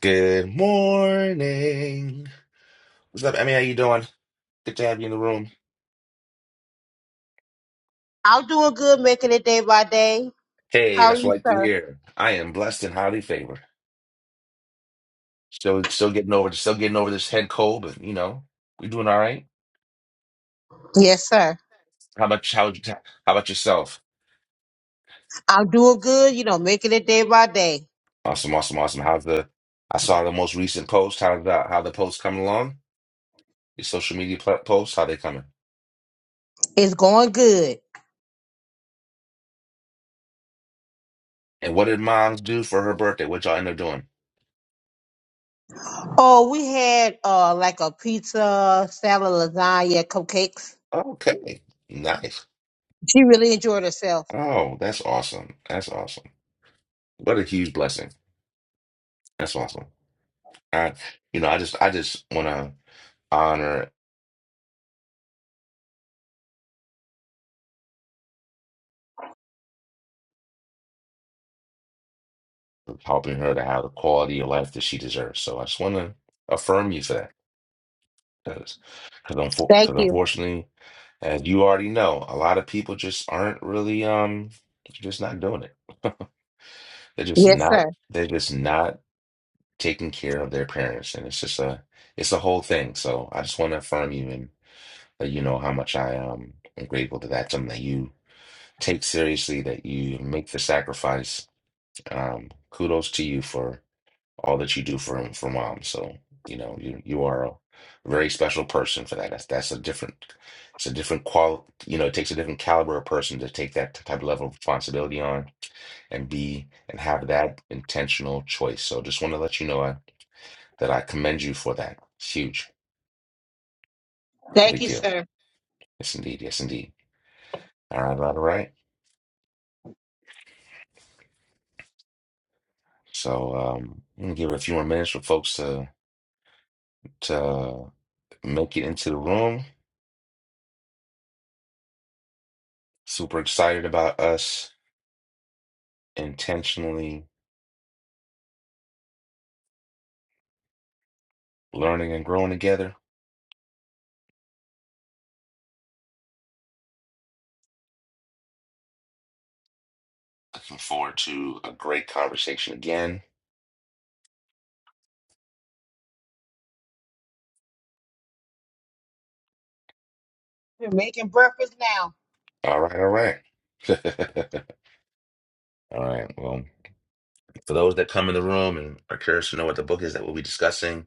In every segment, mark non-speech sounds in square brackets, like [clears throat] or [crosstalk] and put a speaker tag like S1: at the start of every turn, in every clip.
S1: Good morning. What's up, Emmy? How you doing? Good to have you in the room.
S2: I'm doing good, making it day by day.
S1: Hey,
S2: How are
S1: that's what I
S2: you,
S1: like to
S2: sir?
S1: hear. I am blessed and highly favored. Still, still getting over, still getting over this head cold, but you know, we doing all right.
S2: Yes, sir.
S1: How about how how about yourself?
S2: I'm doing good, you know, making it day by day.
S1: Awesome, awesome, awesome. How's the? I saw the most recent post. How's the how the post coming along? Your social media pl- posts, how they coming?
S2: It's going good.
S1: And what did Moms do for her birthday? What y'all end up doing?
S2: Oh, we had uh like a pizza, salad, lasagna, cupcakes.
S1: Okay, nice.
S2: She really enjoyed herself.
S1: Oh, that's awesome. That's awesome. What a huge blessing. That's awesome. I, you know, I just I just want to honor helping her to have the quality of life that she deserves. So I just want to affirm you for that, because because
S2: Thank you.
S1: unfortunately, as you already know, a lot of people just aren't really um just not doing it. [laughs] They're just
S2: Yes,
S1: not
S2: sir.
S1: they're just not taking care of their parents, and it's just a it's a whole thing. So I just want to affirm you and let you know how much I um am grateful that that's something that you take seriously, that you make the sacrifice Um, kudos to you for all that you do for for mom. So, you know, you you are a very special person for that. That's that's a different it's a different qual you know, it takes a different caliber of person to take that type of level of responsibility on and be and have that intentional choice. So just want to let you know I, that I commend you for that. It's huge. It's a
S2: Thank
S1: big
S2: you,
S1: deal.
S2: sir.
S1: Yes, indeed. Yes, indeed. All right, all right. So um, I'm gonna give it a few more minutes for folks to to make it into the room. Super excited about us intentionally learning and growing together. Looking forward to a great conversation again.
S2: We're making breakfast now.
S1: All right, all right. [laughs] All right. Well, for those that come in the room and are curious to know what the book is that we'll be discussing,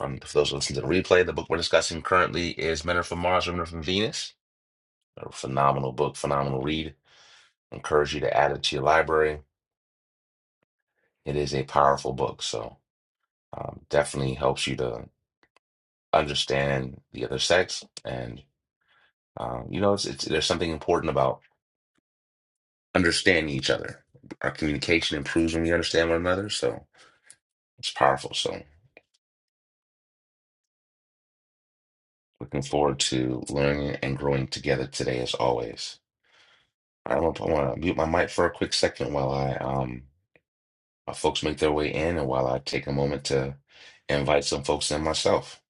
S1: um, for those who listen to the replay, the book we're discussing currently is Men Are From Mars, Women Are From Venus. A phenomenal book, phenomenal read. Encourage you to add it to your library. It is a powerful book, so um, definitely helps you to understand the other sex. and. Um, you know, it's, it's there's something important about understanding each other. Our communication improves when we understand one another, so it's powerful. So looking forward to learning and growing together today, as always. I want to, I want to mute my mic for a quick second while I um my folks make their way in, and while I take a moment to invite some folks in myself.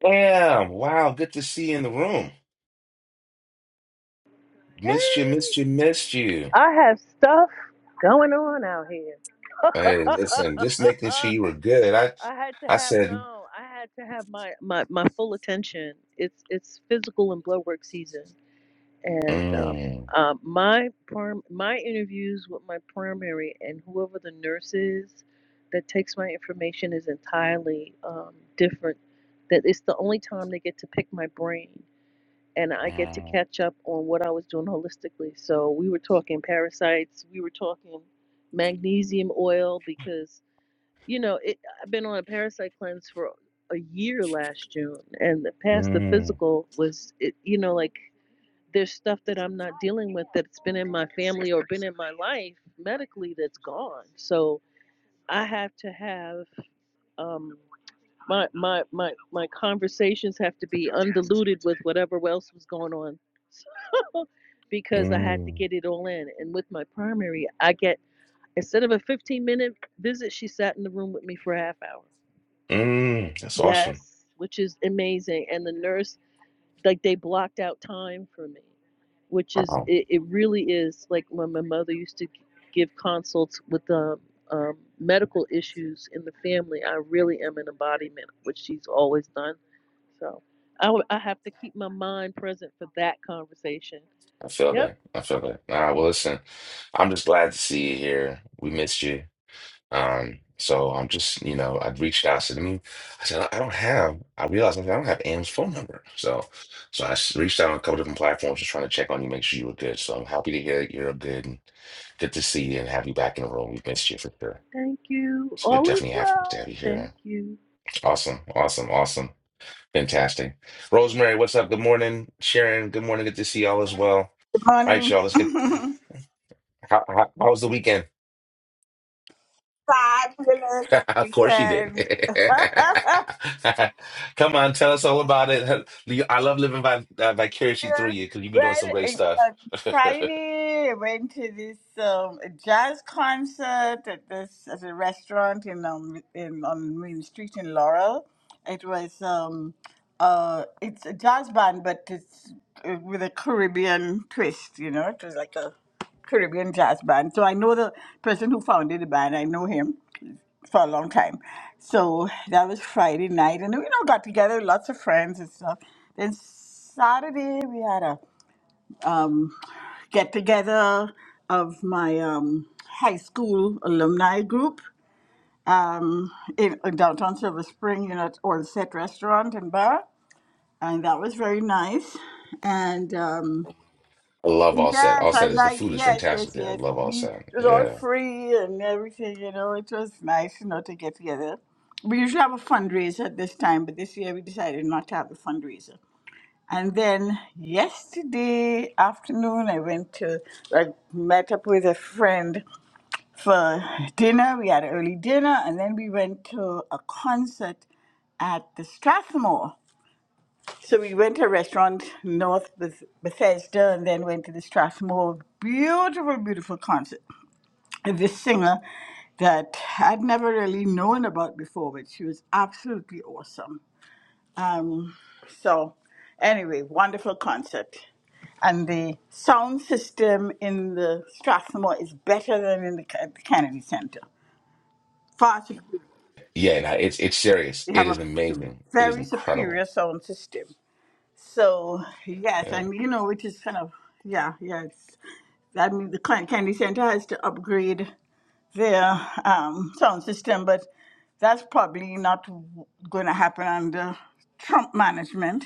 S1: Damn! Wow, good to see you in the room. Missed you, missed you, missed you.
S3: I have stuff going on out here.
S1: Hey,
S3: [laughs]
S1: listen, just making sure you were good. I
S3: I had to
S1: I
S3: have
S1: said.
S3: no. I had to have my, my, my full attention. It's it's physical and blood work season, and um,
S1: Mm.
S3: uh, my perm, my interviews with my primary and whoever the nurse is that takes my information is entirely um, different. That it's the only time they get to pick my brain and I get to
S1: mm.
S3: catch up on what I was doing holistically. So we were talking parasites, we were talking magnesium oil because you know it, I've been on a parasite cleanse for a year last June, and the past the
S1: Mm,
S3: physical was it, you know like there's stuff that I'm not dealing with that's been in my family or been in my life medically that's gone. So I have to have um, my my my my conversations have to be undiluted with whatever else was going on [laughs] because i had to
S1: mm,
S3: get it all in and with my primary i get instead of a 15 minute visit she sat in the room with me for a half hour
S1: mm. That's awesome.
S3: yes which is amazing and the nurse like they blocked out time for me which is
S1: Wow.
S3: it, it really is like when my mother used to give consults with um, um, medical issues in the family i really am an embodiment of what she's always done so I w- I have to keep my mind present for that conversation.
S1: I feel
S3: Yep.
S1: that. I feel that. All right, well, listen, I'm just glad to see you here. We missed you. Um, so I'm just, you know, I reached out to me. I said, I don't have, I realized I don't have Anne's phone number. So, so I s- reached out on a couple different platforms just trying to check on you, make sure you were good. So I'm happy to hear that you're good and good to see you and have you back in the room. We missed you for sure.
S3: Thank you.
S1: It's good,
S3: All is
S1: definitely happy to have
S3: well.
S1: you
S3: Thank
S1: here.
S3: you.
S1: Awesome. Awesome. Awesome. Fantastic. Rosemary, what's up? Good morning. Sharon, good morning. Good to see y'all as well. All right,
S4: Morning.
S1: y'all,
S4: [laughs]
S1: let's get.
S4: Fabulous
S1: How, how, how was the weekend? [laughs] of course you did.
S4: weekend. [laughs] yeah.
S1: [laughs] Come on, tell us all about it. I love living vi- uh, vicariously through you because you be doing
S4: Well,
S1: some great
S4: it-
S1: stuff.
S4: on
S1: [laughs] I
S4: Friday, I went to this um, jazz concert at this at a restaurant in um in on Main Street in Laurel. It was um uh it's a jazz band, but it's uh, with a Caribbean twist. You know, it was like a Caribbean jazz band. So I know the person who founded the band. I know him for a long time. So that was Friday night, and we you know got together, lots of friends and stuff. Then Saturday we had a um, get together of my um, high school alumni group um, in, in downtown Silver Spring, you know, at All Set Restaurant and Bar, and that was very nice. And um,
S1: love all set.
S4: Yes,
S1: All
S4: I
S1: set is the
S4: like,
S1: food is
S4: yes,
S1: fantastic
S4: yes,
S1: there. I
S4: yes.
S1: love all
S4: We, it
S1: set.
S4: was all
S1: Yeah.
S4: free and everything, you know. It was nice, you know, to get together. We usually have a fundraiser at this time, but this year we decided not to have a fundraiser. And then yesterday afternoon, I went to, like met up with a friend for dinner. We had an early dinner, and then we went to a concert at the Strathmore. So we went to a restaurant north Beth- Bethesda and then went to the Strathmore. Beautiful, beautiful concert. And this singer that I'd never really known about before, but she was absolutely awesome. So, anyway, wonderful concert. And the sound system in the Strathmore is better than in the, Ca- the Kennedy Center. Far superior.
S1: Yeah, no, it's it's serious.
S4: They
S1: It
S4: have
S1: is
S4: a su-
S1: amazing. It is
S4: very
S1: incredible.
S4: superior sound system. So, yes,
S1: Yeah.
S4: and you know, which is kind of, yeah, yeah, That means the Clan Candy Center has to upgrade their um, sound system, but that's probably not going to happen under Trump management.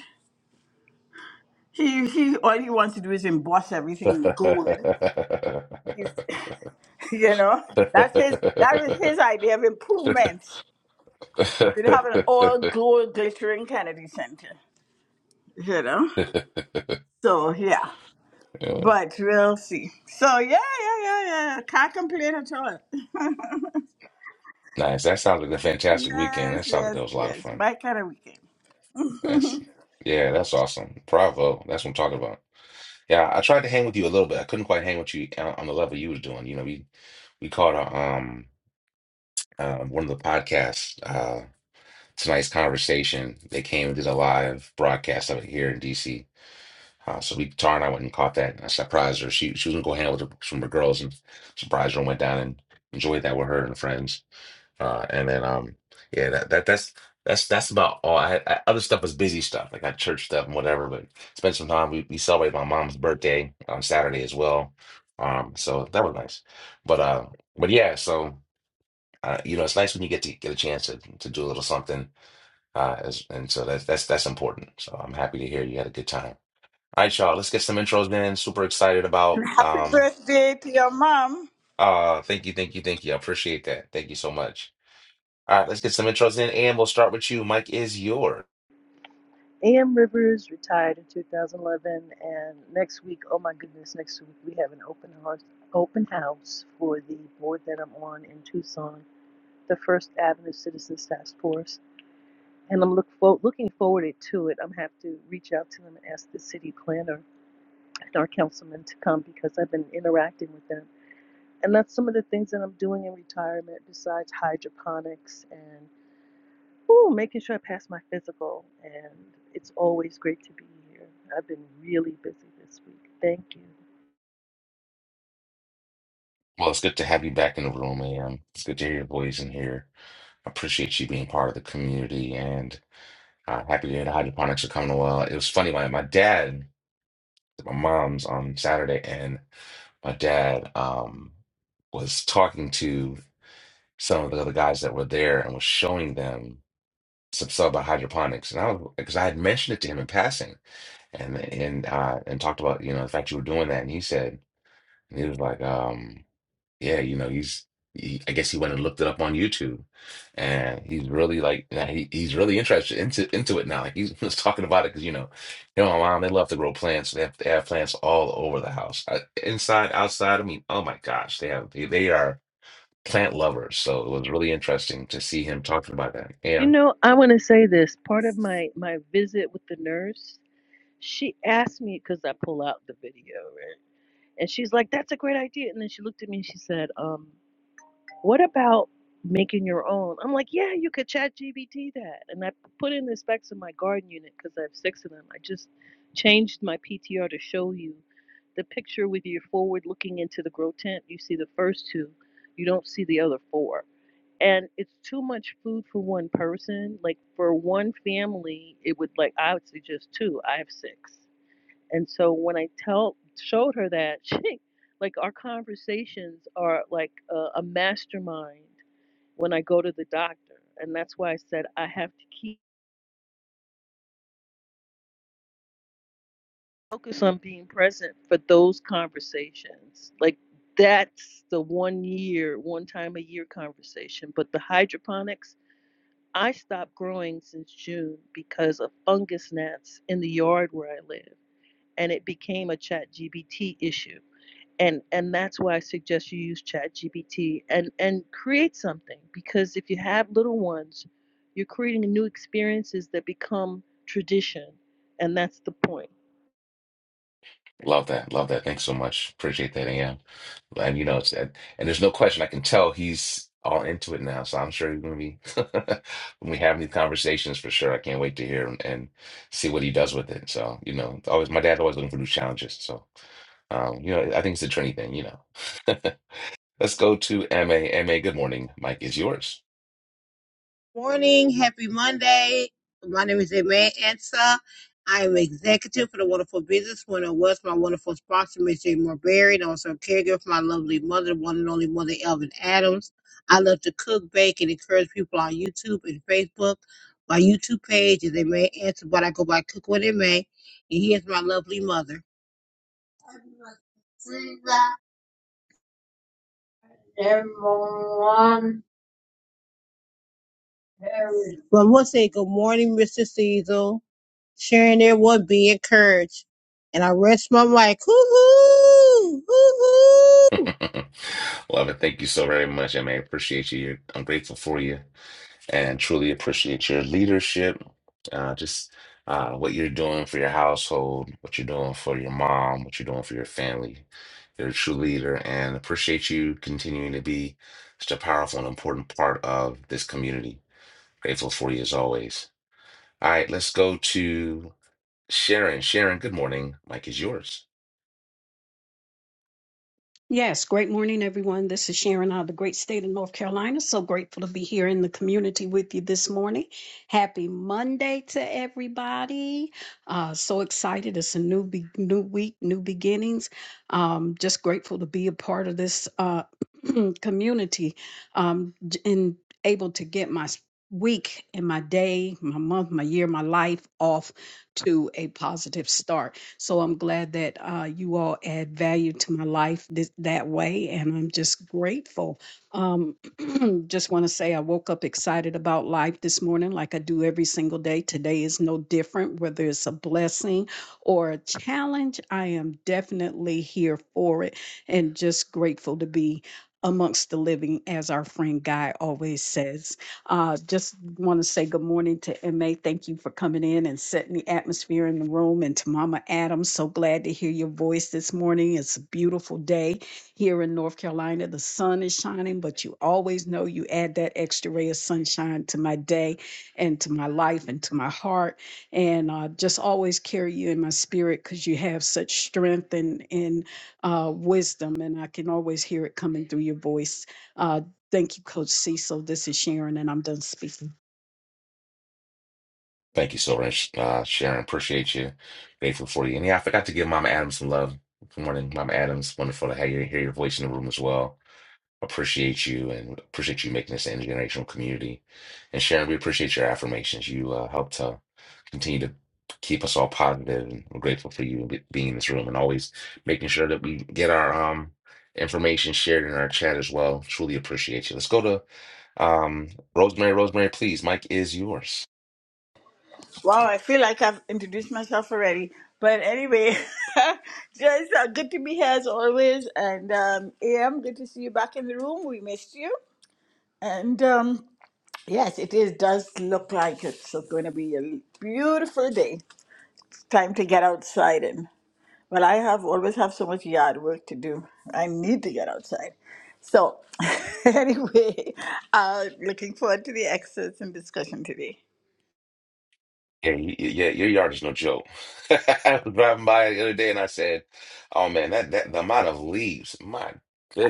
S4: He he, all he wants to do is emboss everything in gold. He's, [laughs] you know, that's his that is his idea of
S1: [laughs]
S4: improvements.
S1: [laughs]
S4: We'd have an all gold glittering Kennedy Center, you know. So yeah,
S1: Yeah.
S4: but we'll see. So yeah, yeah, yeah, yeah. Can't complain at all.
S1: Nice. That sounds like a fantastic weekend. That
S4: Yes,
S1: sounds like
S4: yes,
S1: that was a lot of
S4: yes.
S1: fun.
S4: My kind of weekend.
S1: That's yeah, that's awesome. Bravo. That's what I'm talking about. Yeah, I tried to hang with you a little bit. I couldn't quite hang with you on on the level you was doing. You know, we we caught uh, um uh, one of the podcasts uh tonight's conversation. They came and did a live broadcast of it here in DC. Uh, so we Tara and I went and caught that. And I surprised her. She she was gonna go hang out with her, some of her girls and surprised her and went down and enjoyed that with her and friends. Uh, and then um, yeah, that, that that's that's that's about all. I, I other stuff was busy stuff. Like I got church stuff and whatever, but spent some time. We, we celebrated my mom's birthday on Saturday as well. Um, so that was nice. But uh, but yeah, so uh, you know, it's nice when you get to get a chance to to do a little something. Uh, as, and so that's that's that's important. So I'm happy to hear you had a good time. All right, y'all, let's get some intros in. Super excited about
S4: And happy
S1: um.
S4: birthday to your mom.
S1: Uh, thank you, thank you, thank you. I appreciate that. Thank you so much. All right, let's get some intros in, and we'll start with you. Mike is yours.
S3: A.M. Rivers retired in 2011, and next week, oh my goodness, next week we have an open house, open house for the board that I'm on in Tucson, the First Avenue Citizens Task Force, and I'm look for, looking forward to it. I'm have to reach out to them and ask the city planner and our councilman to come because I've been interacting with them And that's some of the things that I'm doing in retirement besides hydroponics and ooh, making sure I pass my physical. And it's always great to be here. I've been really busy this week. Thank you.
S1: Well, it's good to have you back in the room, Am. It's good to hear your voice in here. I appreciate you being part of the community, and uh, happy to hear the hydroponics are coming well. It was funny, my my dad, my mom's on Saturday, and my dad um was talking to some of the other guys that were there and was showing them some stuff about hydroponics, and I was because I had mentioned it to him in passing, and and uh, and talked about you know the fact you were doing that, and he said. And he was like, um, yeah, you know, he's he, I guess he went and looked it up on YouTube, and he's really like, yeah, he, he's really interested into into it now. Like he was [laughs] talking about it because you know, you know, my mom they love to grow plants. They have they have plants all over the house, Uh inside, outside. I mean, oh my gosh, they have they, they are plant lovers. So it was really interesting to see him talking about that.
S3: You
S1: Yeah,
S3: know, I want to say this. Part of my my visit with the nurse, she asked me because I pull out the video, right? And she's like, "That's a great idea." And then she looked at me and she said, um, What about making your own? I'm like, yeah, you could chat GBT that. And I put in the specs of my garden unit because I have six of them. I just changed my PTR to show you the picture with your forward looking into the grow tent. You see the first two, you don't see the other four. And it's too much food for one person. Like for one family, it would like I would suggest two. I have six. And so when I tell showed her that, [laughs] she like our conversations are like a, a mastermind when I go to the doctor, and that's why I said I have to keep focus on being present for those conversations. Like that's the one year, one time a year conversation. But the hydroponics, I stopped growing since June because of fungus gnats in the yard where I live, and it became a chat GBT issue and and that's why I suggest you use ChatGPT and and create something because if you have little ones, you're creating new experiences that become tradition, and that's the point.
S1: love that, love that. Thanks so much, appreciate that. Yeah. And you know, it's and, and there's no question. I can tell he's all into it now. So I'm sure he's gonna be [laughs] when we have these conversations for sure. I can't wait to hear and, and see what he does with it. So you know, it's always my dad's always looking for new challenges. So um, you know, I think it's a trendy thing. You know. [laughs] Let's go to M A M A. good morning. Mike is yours.
S2: Morning, happy Monday. My name is Aimee Ansa. I am executive for the Wonderful Business when I was my wonderful sponsor, Miss Jane Marberry, and also a caregiver for my lovely mother, the one and only mother, Elvin Adams. I love to cook, bake, and encourage people on YouTube and Facebook. My YouTube page is Aimee Ansa, but I go by Cook What Aimee. And here's my lovely mother. Everyone. Well, I want to say good morning, Mr. Cecil. sharing their would be encouraged. And I rest my mic. Hoo-hoo! Hoo-hoo!
S1: [laughs] Love it. Thank you so very much, MA. Appreciate you. You're- I'm grateful for you. and truly appreciate your leadership. Uh, just uh, what you're doing for your household, what you're doing for your mom, what you're doing for your family. You're a true leader and appreciate you continuing to be such a powerful and important part of this community. Grateful for you as always. All right, let's go to Sharon. Sharon, good morning. Mike is yours.
S5: Yes, great morning, everyone. This is Sharon out of the great state of North Carolina. So grateful to be here in the community with you this morning. Happy Monday to everybody. Uh, so excited. It's a new be- new week, new beginnings. Um, just grateful to be a part of this uh, [clears throat] community um, j- and able to get my s- week and my day, my month, my year, my life off to a positive start. So I'm glad that uh, you all add value to my life this, that way, and I'm just grateful. Um, [clears throat] just want to say I woke up excited about life this morning, like I do every single day. Today is no different, whether it's a blessing or a challenge. I am definitely here for it, and just grateful to be amongst the living, as our friend Guy always says. Uh, just want to say good morning to MA. Thank you for coming in and setting the atmosphere in the room. And to Mama Adams, so glad to hear your voice this morning. It's a beautiful day here in North Carolina. The sun is shining, but you always know you add that extra ray of sunshine to my day and to my life and to my heart. And uh, just always carry you in my spirit because you have such strength and, and uh, wisdom. And I can always hear it coming through your voice. Uh, Thank you, Coach Cecil. This is Sharon, and I'm done speaking.
S1: Thank you so much, uh, Sharon. Appreciate you. Grateful for you. And yeah, I forgot to give Mama Adams some love. Good morning, Mama Adams. Wonderful to have you hear your voice in the room as well. appreciate you and appreciate you making this an intergenerational community. And Sharon, we appreciate your affirmations. You uh, help to continue to keep us all positive, and we're grateful for you be- being in this room and always making sure that we get our um information shared in our chat as well. Truly appreciate you. Let's go to um Rosemary. Rosemary, please, Mike is yours.
S4: Wow, I feel like I've introduced myself already. But anyway, [laughs] just uh, good to be here as always. And um, AM, good to see you back in the room. We missed you. And um, yes, it is, does look like it's going to be a beautiful day. It's time to get outside and Well, I have always have so much yard work to do. I need to get outside. So, [laughs] anyway, uh, looking forward to the excerpts and discussion today.
S1: Yeah, you, yeah, your yard is no joke. [laughs] I was driving by the other day and I said, "Oh man, that that the amount of leaves, my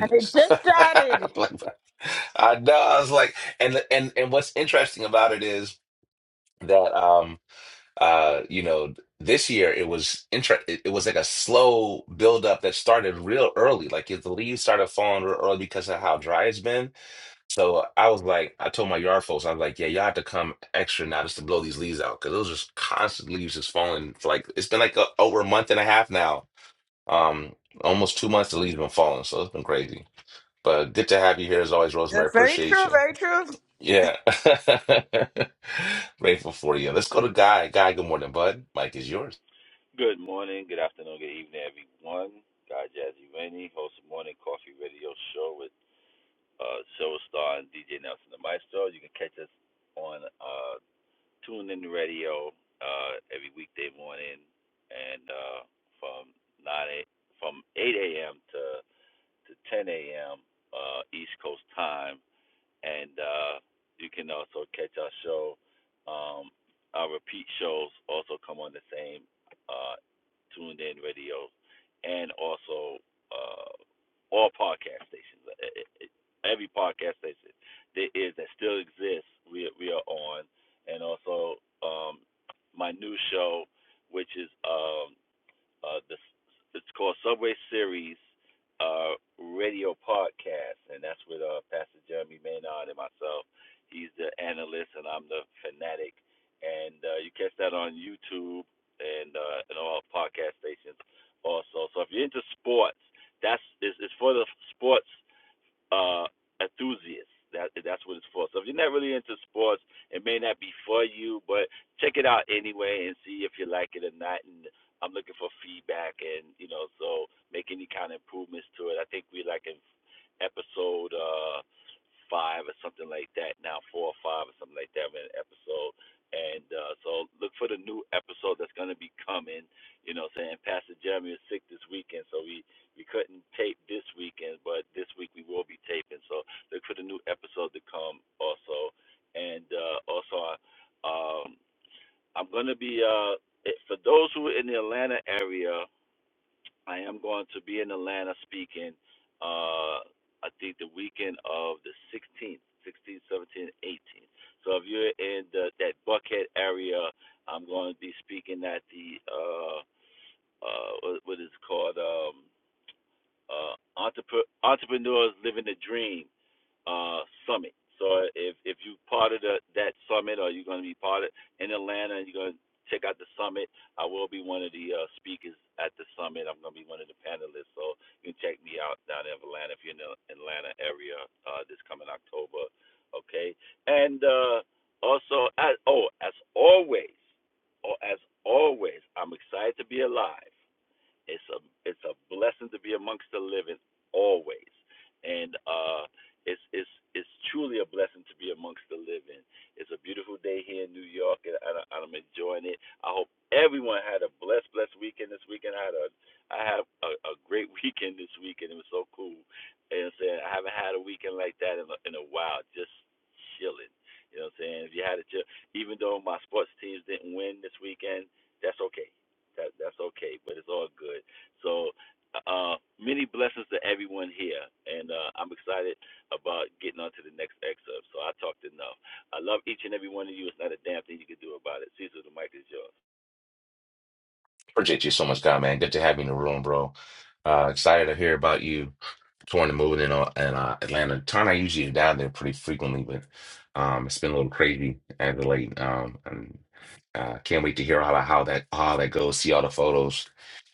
S4: And it just started.
S1: [laughs] Like, I know. I was like, and and and what's interesting about it is that um uh you know this year it was inter it, it was like a slow buildup that started real early. Like if the leaves started falling real early because of how dry it's been. So I was like, I told my yard folks, I was like, yeah, y'all have to come extra now just to blow these leaves out because those just constant leaves just falling. For like it's been like a, over a month and a half now, um, almost two months the leaves been falling, so it's been crazy. But good to have you here as always,
S4: Yeah,
S1: Rosemary.
S4: very
S1: Appreciate
S4: true.
S1: you.
S4: Very true.
S1: Yeah, [laughs] grateful for you. Let's go to Guy. Guy, good morning, bud. Mike is yours.
S6: Good morning, good afternoon, good evening, everyone. Guy Jazzy Rainey, host of Morning Coffee Radio Show with uh, show star and DJ Nelson the Maestro. You can catch us on uh, TuneIn Radio uh, every weekday morning, and uh, from nine a, from eight a.m. to to ten a.m. Uh, East Coast time and uh, you can also catch our show. Um, our repeat shows also come on the same uh, tuned in radio, and also uh, all podcast stations. E- e- e- Every podcast station there is that still exists, we we are on, and also um, my new show, which is. Um, uh, this it's called Subway Series uh, Radio Podcast, and that's with uh, Pastor Jeremy Maynard and myself. He's the analyst, and I'm the fanatic. And uh, you catch that on YouTube and uh, and all podcast stations also. So if you're into sports, that's it's, it's for the sports uh, enthusiast. That that's what it's for. So if you're not really into sports, it may not be for you, but check it out anyway and see if you like it or not. And I'm looking for feedback and you know, so make any kind of improvements to it. I think we like in episode uh five or something like that now, four or five or something like that We're in an episode. And uh so look for the new episode that's gonna be coming, you know, saying Pastor Jeremy is sick this weekend, so we we couldn't tape this weekend, but this week we will be taping. So look for the new episode to come also. And uh, also, um, I'm going to be, uh, for those who are in the Atlanta area, I am going to be in Atlanta speaking, uh, I think the weekend of the 16th, 16th, 17th, 18th. So if you're in the, that Buckhead area, I'm going to be speaking at the, uh, uh, what, what is it called? Um, uh, entrepre- entrepreneurs living the dream uh, summit. So if if you part of the, that summit or you're going to be part of in Atlanta, and you're going to check out the summit. I will be one of the uh, speakers at the summit. I'm going to be one of the panelists. So you can check me out down in Atlanta if you're in the Atlanta area uh, this coming October. Okay, and uh, also as oh as always, oh as always, I'm excited to be alive. It's a it's a blessing to be amongst the living always, and uh, it's it's it's truly a blessing to be amongst the living. It's a beautiful day here in New York, and I, I- am enjoying it. I hope everyone had a blessed blessed weekend this weekend. I had a I had a, a great [laughs] weekend this weekend. It was so cool. And I'm saying I haven't had a weekend like that in a, in a while. Just chilling. You know what I'm saying? If you had a chill, even though my sports teams didn't win this weekend, that's okay that that's okay, but it's all good. So uh many blessings to everyone here and uh I'm excited about getting on to the next excerpt. So I talked enough. I love each and every one of you. It's not a damn thing you can do about it. Cecil, the mic is yours.
S1: Appreciate you so much, God, man. Good to have you in the room, bro. Uh, excited to hear about you touring and moving in, uh, in uh, Atlanta. Turn, I usually is down there pretty frequently, but um, it's been a little crazy as of late. Um, and uh, can't wait to hear all about how that how that goes. See all the photos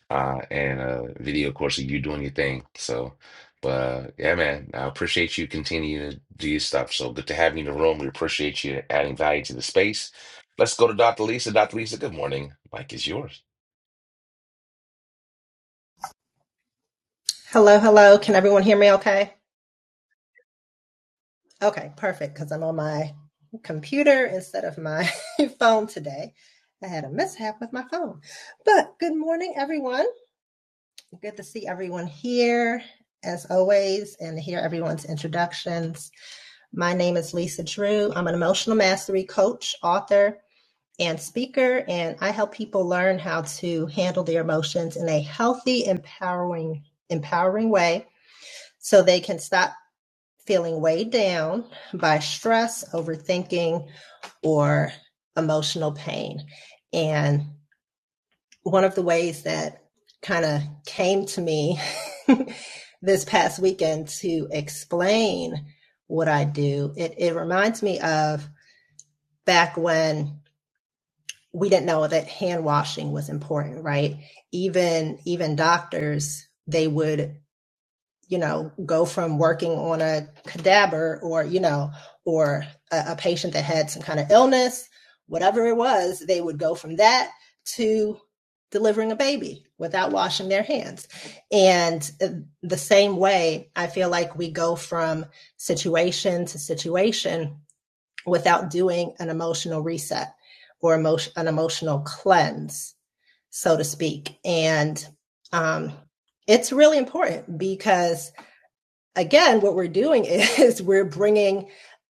S1: uh, and uh, video, of course, of you doing your thing. So, but uh, yeah, man, I appreciate you continuing to do your stuff. So good to have you in the room. We appreciate you adding value to the space. Let's go to Dr. Lisa. Dr. Lisa, good morning. Mike is yours.
S7: Hello, hello. Can everyone hear me okay? Okay, perfect, because I'm on my computer instead of my [laughs] phone today. I had a mishap with my phone. But good morning, everyone. Good to see everyone here, as always, and to hear everyone's introductions. My name is Lisa Drew. I'm an emotional mastery coach, author, and speaker, and I help people learn how to handle their emotions in a healthy, empowering, empowering way so they can stop. feeling weighed down by stress, overthinking, or emotional pain. And one of the ways that kind of came to me [laughs] this past weekend to explain what I do, it, it reminds me of back when we didn't know that hand washing was important, right? Even even doctors, they would you know, go from working on a cadaver or, you know, or a, a patient that had some kind of illness, whatever it was, they would go from that to delivering a baby without washing their hands. And uh, the same way, I feel like we go from situation to situation without doing an emotional reset or emotion, an emotional cleanse, so to speak. And um, it's really important because again, what we're doing [laughs] is we're bringing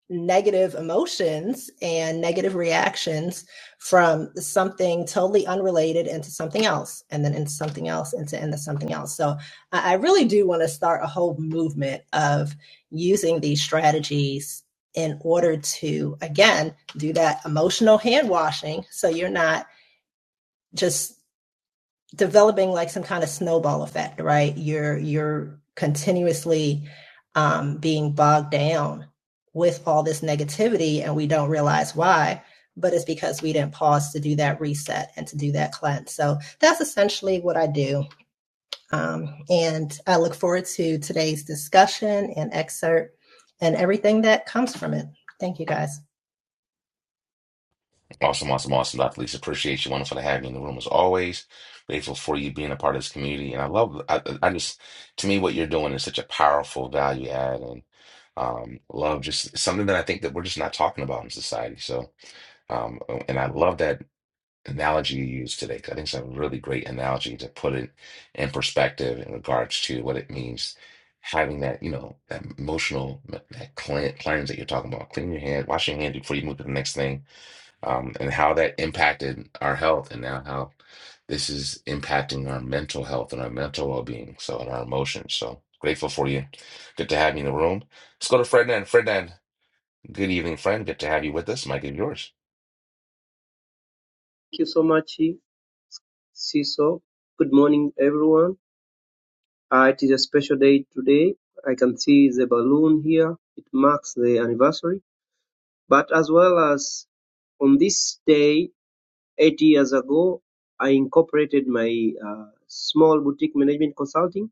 S7: negative emotions and negative reactions from something totally unrelated into something else, and then into something else, into into something else. So I, I really do want to start a whole movement of using these strategies in order to again do that emotional hand washing so you're not just developing like some kind of snowball effect, right? You're you're continuously um, being bogged down with all this negativity, and we don't realize why. But it's because we didn't pause to do that reset and to do that cleanse. So that's essentially what I do. Um, and I look forward to today's discussion and excerpt and everything that comes from it. Thank you guys.
S1: Awesome, awesome, awesome. Dr. Lisa, appreciate you. Wonderful to have you in the room as always. Grateful for you being a part of this community. And I love, I, I just, to me, what you're doing is such a powerful value add and um, love, just something that I think that we're just not talking about in society. So, um, and I love that analogy you used today 'cause I think it's a really great analogy to put it in perspective in regards to what it means having that, you know, that emotional, that clean- cleanse that you're talking about, clean your hand, wash your hand before you move to the next thing um, and how that impacted our health, and now how this is impacting our mental health and our mental well-being, so and our emotions. So grateful for you. Good to have you in the room. Let's go to Ferdinand. Ferdinand, good evening, friend. Good to have you with us. Mike is yours.
S8: Thank you so much, Siso. Good morning, everyone. Uh, it is a special day today. I can see the balloon here. It marks the anniversary. But as well as on this day, eight years ago, I incorporated my uh, small boutique management consulting.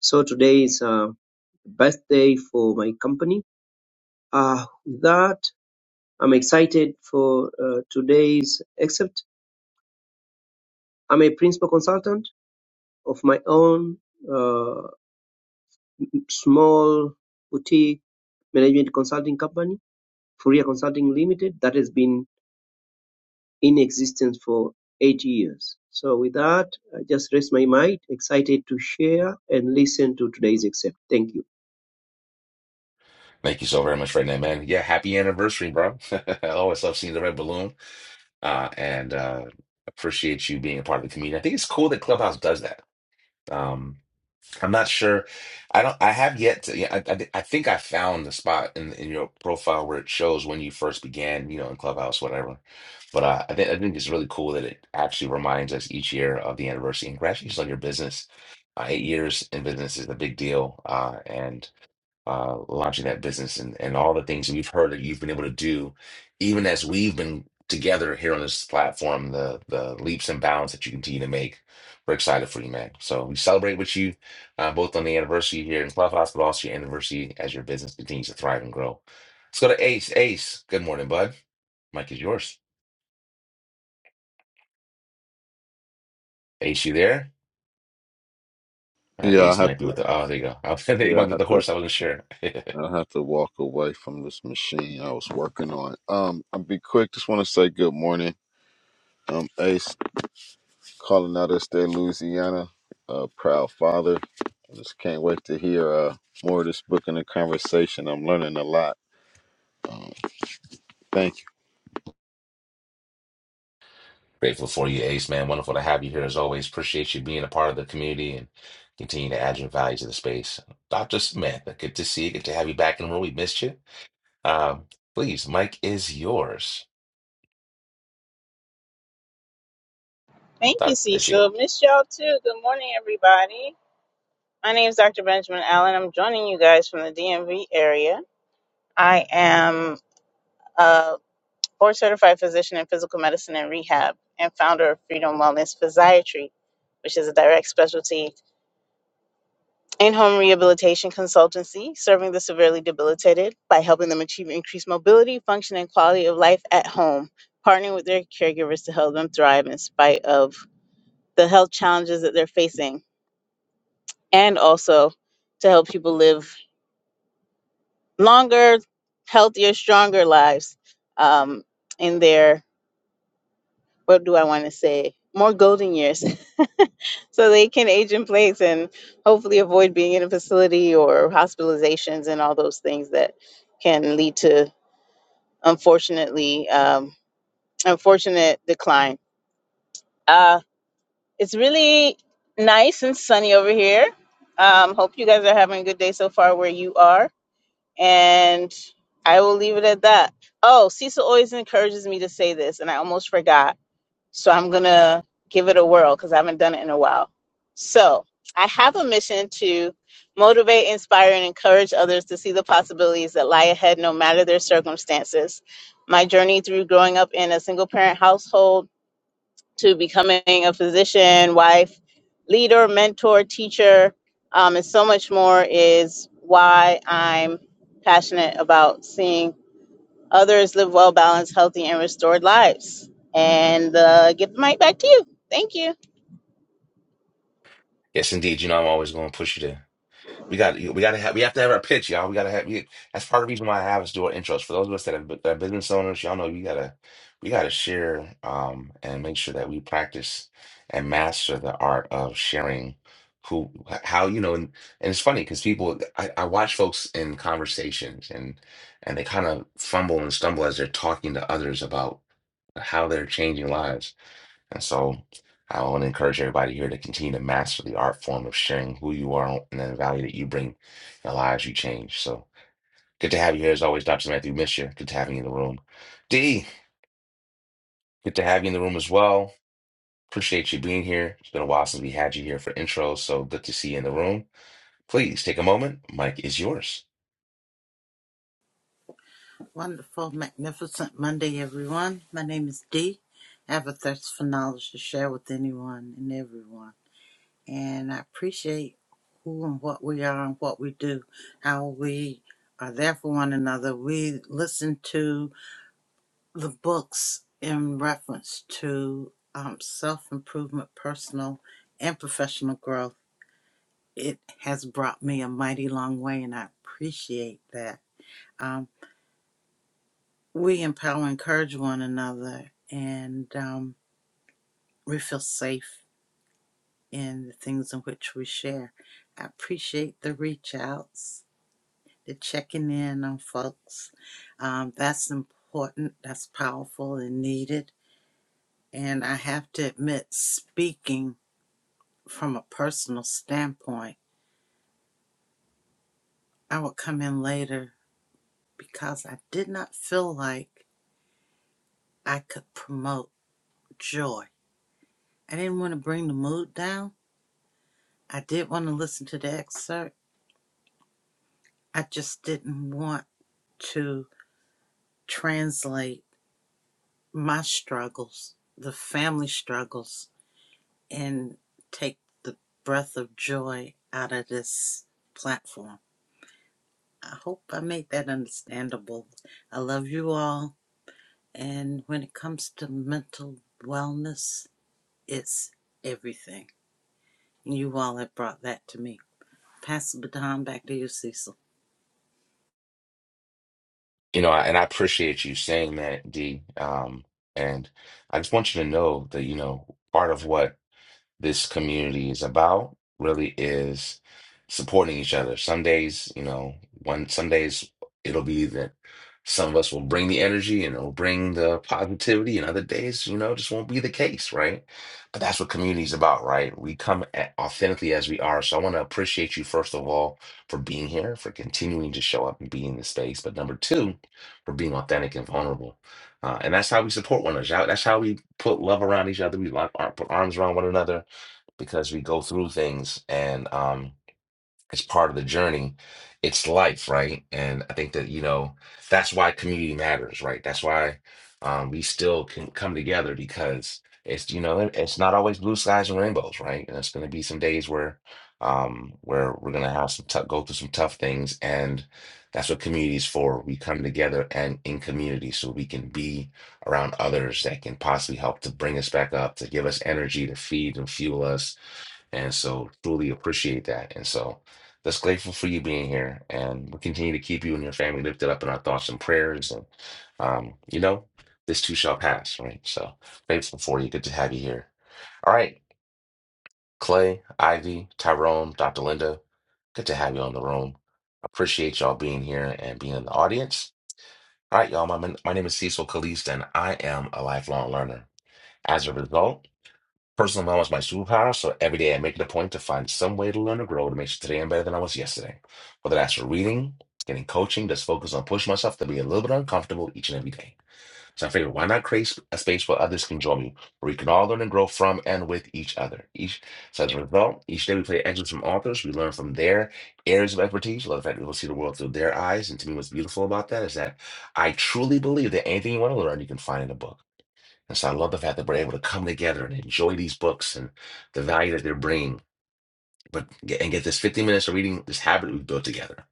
S8: So today is uh, birthday for my company. Uh, with that, I'm excited for uh, today's, except I'm a principal consultant of my own. Uh, small boutique management consulting company, Fourier Consulting Limited, that has been in existence for eight years. So with that, I just rest my mic, excited to share and listen to today's except. Thank you.
S1: Thank you so very much, Ferdinand, man. Yeah, happy anniversary, bro. [laughs] I always love seeing the red balloon, uh, and uh, appreciate you being a part of the community. I think it's cool that Clubhouse does that. Um, I'm not sure. I don't. I have yet to. Yeah, I, I, thi- I think I found the spot in in your profile where it shows when you first began, you know, in Clubhouse, whatever. But uh, I think I think it's really cool that it actually reminds us each year of the anniversary. And congratulations on your business. Uh, eight years in business is a big deal, uh, and uh, launching that business and, and all the things we've heard that you've been able to do, even as we've been together here on this platform, the the leaps and bounds that you continue to make. We're excited for you, man. So we celebrate with you uh, both on the anniversary here in Clubhouse, but also your anniversary as your business continues to thrive and grow. Let's go to Ace. Ace, good morning, bud. Mike is yours. Ace, you there? Uh,
S9: Yeah, I
S1: Ace
S9: have
S1: might be
S9: to.
S1: with the. Oh, there you go. [laughs] I was- he might
S9: Yeah, I
S1: be with
S9: have
S1: the
S9: to.
S1: horse. I wasn't sure. [laughs]
S9: I have to walk away from this machine I was working on. Um, I'll be quick. Just want to say good morning. Um, Ace calling out of there, Louisiana. a proud father. I just can't wait to hear uh more of this book and the conversation. I'm learning a lot. Um, thank
S1: Grateful for you, Ace, man. Wonderful to have you here as always. Appreciate you being a part of the community and continue to add your value to the space. Dr. Samantha, good to see you. Good to have you back in the room. We missed you. Um, please, Mike is yours.
S10: Thank you,
S1: Doc- there she go.
S10: Cecil. Miss y'all too. Good morning, everybody. My name is Dr. Benjamin Allen. I'm joining you guys from the DMV area. I am a board certified physician in physical medicine and rehab and founder of Freedom Wellness Physiatry, which is a direct specialty in home rehabilitation consultancy serving the severely debilitated by helping them achieve increased mobility, function, and quality of life at home, partnering with their caregivers to help them thrive in spite of the health challenges that they're facing and also to help people live longer, healthier, stronger lives um, in their, what do I want to say, more golden years. [laughs] so they can age in place and hopefully avoid being in a facility or hospitalizations and all those things that can lead to, unfortunately, um, unfortunate decline. Uh, it's really nice and sunny over here. Um, hope you guys are having a good day so far where you are. And I will leave it at that. Oh, Cecil always encourages me to say this, and I almost forgot. So I'm going to give it a whirl because I haven't done it in a while. So I have a mission to motivate, inspire, and encourage others to see the possibilities that lie ahead no matter their circumstances. My journey through growing up in a single parent household to becoming a physician, wife, leader, mentor, teacher, um, and so much more is why I'm passionate about seeing others live well balanced, healthy, and restored lives. And uh, give the mic back to you. Thank you.
S1: Yes, indeed. You know, I'm always going to push you to We got we got to have we have to have our pitch, y'all. We got to have we, that's part of the reason why I have us do our intros. For those of us that have that are business owners, y'all know you gotta we gotta share um and make sure that we practice and master the art of sharing who how you know and, and it's funny because people I, I watch folks in conversations and and they kind of fumble and stumble as they're talking to others about how they're changing lives and so I want to encourage everybody here to continue to master the art form of sharing who you are and the value that you bring, the lives you change. So good to have you here as always, Dr. Matthew. Miss you. Good to have you in the room. D, good to have you in the room as well. Appreciate you being here. It's been a while since we had you here for intros, so good to see you in the room. Please take a moment. Mike is yours.
S11: Wonderful, magnificent Monday, everyone. My name is Dee. I have a thirst for knowledge to share with anyone and everyone. And I appreciate who and what we are and what we do, how we are there for one another. We listen to the books in reference to um, self improvement, personal and professional growth. It has brought me a mighty long way, and I appreciate that. Um, we empower and encourage one another and um, we feel safe in the things in which we share. I appreciate the reach outs, the checking in on folks. Um, that's important, that's powerful and needed. And I have to admit, speaking from a personal standpoint, I would come in later because I did not feel like I could promote joy. I didn't want to bring the mood down. I did want to listen to the excerpt. I just didn't want to translate my struggles, the family struggles, and take the breath of joy out of this platform. I hope I made that understandable. I love you all. And when it comes to mental wellness, it's everything. You all have brought that to me. Pass the baton back to you, Cecil.
S1: You know, and I appreciate you saying that, D. Um, and I just want you to know that, you know, part of what this community is about really is supporting each other. Some days, you know, one some days it'll be that some of us will bring the energy and it'll bring the positivity, and other days, you know, just won't be the case, right? But that's what community is about, right? We come at authentically as we are. So I want to appreciate you first of all for being here, for continuing to show up and be in the space. But number two, for being authentic and vulnerable. Uh, and that's how we support one another. That's how we put love around each other. We lock, ar- put arms around one another because we go through things and um it's part of the journey it's life right and i think that you know that's why community matters right that's why um we still can come together because it's you know it- it's not always blue skies and rainbows right and it's going to be some days where um where we're going to have some tough go through some tough things and that's what community is for we come together and in community so we can be around others that can possibly help to bring us back up to give us energy to feed and fuel us and so truly appreciate that. And so that's grateful for you being here. And we continue to keep you and your family lifted up in our thoughts and prayers. And, um, you know, this too shall pass, right? So grateful for you. Good to have you here. All right. Clay, Ivy, Tyrone, Dr. Linda, good to have you on the room. Appreciate y'all being here and being in the audience. All right, y'all. My, my name is Cecil Caliste, and I am a lifelong learner. As a result, Personal knowledge is my superpower, so every day I make it a point to find some way to learn or grow to make sure today I'm better than I was yesterday. Whether that's for reading, getting coaching, just focus on pushing myself to be a little bit uncomfortable each and every day. So I figured, why not create a space where others can join me, where we can all learn and grow from and with each other. Each so as a result, each day we play excerpts from authors, we learn from their areas of expertise. Love the fact that people see the world through their eyes, and to me, what's beautiful about that is that I truly believe that anything you want to learn, you can find in a book. And so I love the fact that we're able to come together and enjoy these books and the value that they're bringing, but get, and get this 15 minutes of reading, this habit we've built together.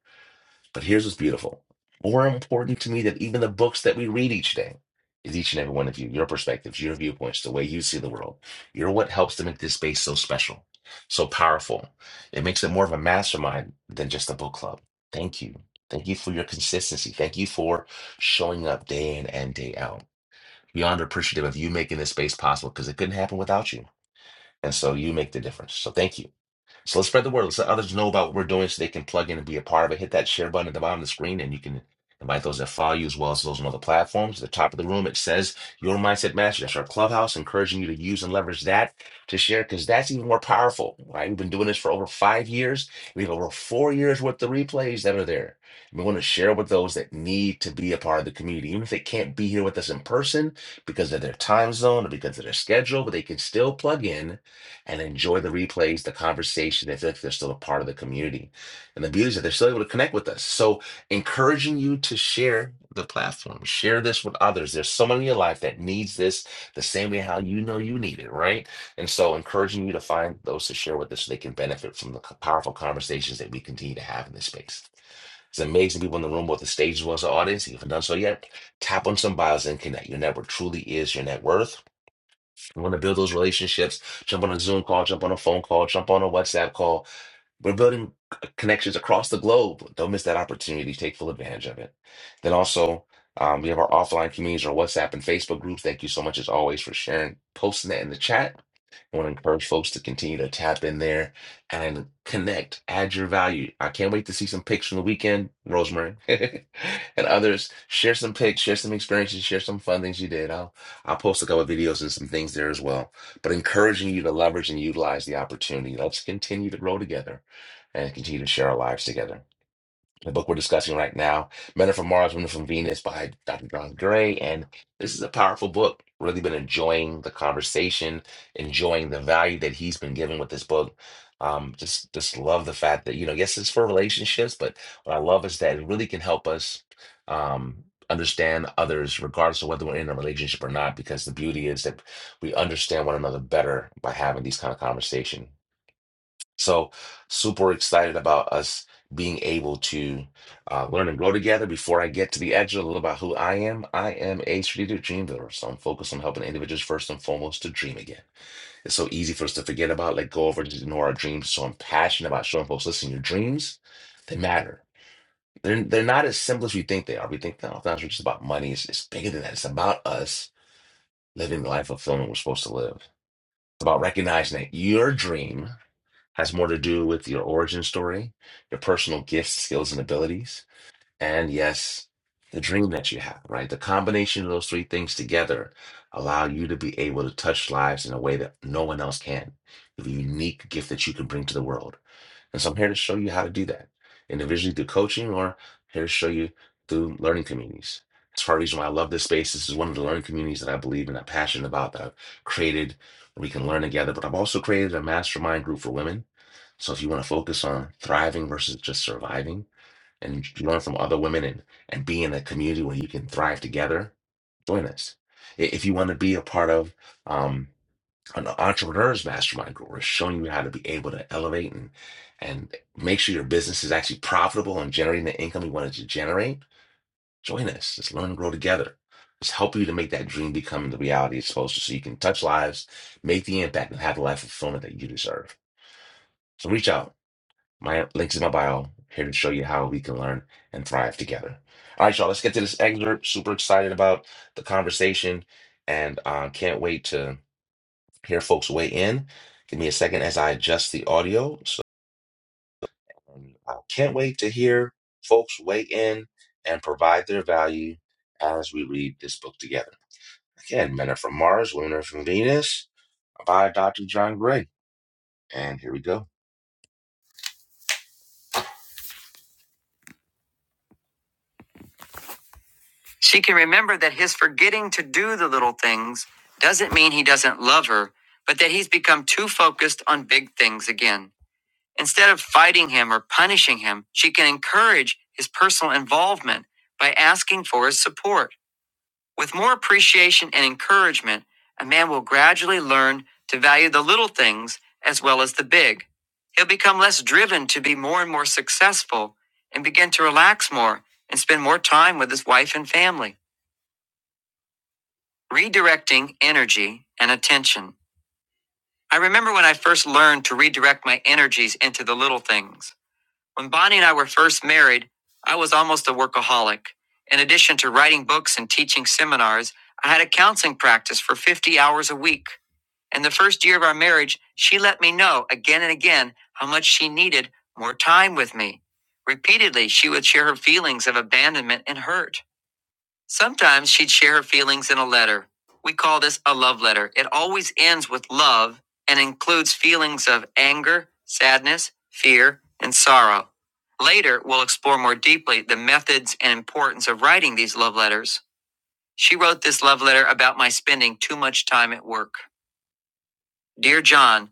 S1: But here's what's beautiful. More important to me than even the books that we read each day is each and every one of you, your perspectives, your viewpoints, the way you see the world. You're what helps to make this space so special, so powerful. It makes it more of a mastermind than just a book club. Thank you. Thank you for your consistency. Thank you for showing up day in and day out beyond appreciative of you making this space possible because it couldn't happen without you. And so you make the difference. So thank you. So let's spread the word. Let's let others know about what we're doing so they can plug in and be a part of it. Hit that share button at the bottom of the screen and you can invite those that follow you as well as those on other platforms. At the top of the room, it says Your Mindset Mastery. That's our clubhouse, encouraging you to use and leverage that to share because that's even more powerful, right? We've been doing this for over five years. We have over four years worth of replays that are there. We want to share with those that need to be a part of the community, even if they can't be here with us in person because of their time zone or because of their schedule, but they can still plug in and enjoy the replays, the conversation, as if they're still a part of the community. And the beauty is that they're still able to connect with us. So, encouraging you to share the platform, share this with others. There's someone in your life that needs this the same way how you know you need it, right? And so, encouraging you to find those to share with us so they can benefit from the powerful conversations that we continue to have in this space. It's amazing people in the room, both the stage as well as the audience. If you haven't done so yet, tap on some bios and connect. Your network truly is your net worth. We want to build those relationships, jump on a Zoom call, jump on a phone call, jump on a WhatsApp call. We're building c- connections across the globe. Don't miss that opportunity. Take full advantage of it. Then also, um, we have our offline communities, our WhatsApp and Facebook groups. Thank you so much, as always, for sharing, posting that in the chat I want to encourage folks to continue to tap in there and connect, add your value. I can't wait to see some pics from the weekend, Rosemary, [laughs] and others. Share some pics, share some experiences, share some fun things you did. I'll I'll post a couple of videos and some things there as well. But encouraging you to leverage and utilize the opportunity. Let's continue to grow together and continue to share our lives together the book we're discussing right now, Men Are From Mars, Women Are From Venus by Dr. John Gray. And this is a powerful book. Really been enjoying the conversation, enjoying the value that he's been giving with this book. Um, just just love the fact that, you know, yes, it's for relationships, but what I love is that it really can help us um understand others regardless of whether we're in a relationship or not, because the beauty is that we understand one another better by having these kind of conversation. So super excited about us being able to uh, learn and grow together. Before I get to the extra, a little about who I am. I am a strategic dream builder, so I'm focused on helping individuals first and foremost to dream again. It's so easy for us to forget about, let go of, or just ignore our dreams. So I'm passionate about showing folks, listen, your dreams, they matter. They're, they're not as simple as we think they are. We think, no, it's just about money. It's, it's bigger than that. It's about us living the life of fulfillment we're supposed to live. It's about recognizing that your dream has more to do with your origin story, your personal gifts, skills, and abilities, and yes, the dream that you have, right? The combination of those three things together allow you to be able to touch lives in a way that no one else can. The unique gift that you can bring to the world. And so I'm here to show you how to do that individually through coaching or here to show you through learning communities. It's part of the reason why I love this space. This is one of the learning communities that I believe in, I'm passionate about, that I've created, where we can learn together. But I've also created a mastermind group for women so if you want to focus on thriving versus just surviving and learn from other women and, and be in a community where you can thrive together, join us. I- If you want to be a part of um, an entrepreneur's mastermind group, we're showing you how to be able to elevate and and make sure your business is actually profitable and generating the income you wanted to generate. Join us. Let's learn and grow together. Let's help you to make that dream become the reality it's supposed to so you can touch lives, make the impact, and have the life fulfillment that you deserve. So reach out my links in my bio here to show you how we can learn and thrive together. All right, y'all, let's get to this excerpt. Super excited about the conversation and uh, can't wait to hear folks weigh in. Give me a second as I adjust the audio. So um, I can't wait to hear folks weigh in and provide their value as we read this book together. Again, men are from Mars, women are from Venus by Dr. John Gray. And here we go. She can remember that his forgetting to do the little things doesn't mean he doesn't love her, but that he's become too focused on big things again. Instead of fighting him or punishing him, she can encourage his personal involvement by asking for his support. With more appreciation and encouragement, a man will gradually learn to value the little things as well as the big. He'll become less driven to be more and more successful and begin to relax more and spend more time with his wife and family. Redirecting energy and attention. I remember when I first learned to redirect my energies into the little things. When Bonnie and I were first married, I was almost a workaholic. In addition to writing books and teaching seminars, I had a counseling practice for 50 hours a week. In the first year of our marriage, she let me know again and again how much she needed more time with me. Repeatedly, she would share her feelings of abandonment and hurt. Sometimes she'd share her feelings in a letter. We call this a love letter. It always ends with love and includes feelings of anger, sadness, fear, and sorrow. Later, we'll explore more deeply the methods and importance of writing these love letters. She wrote this love letter about my spending too much time at work. Dear John,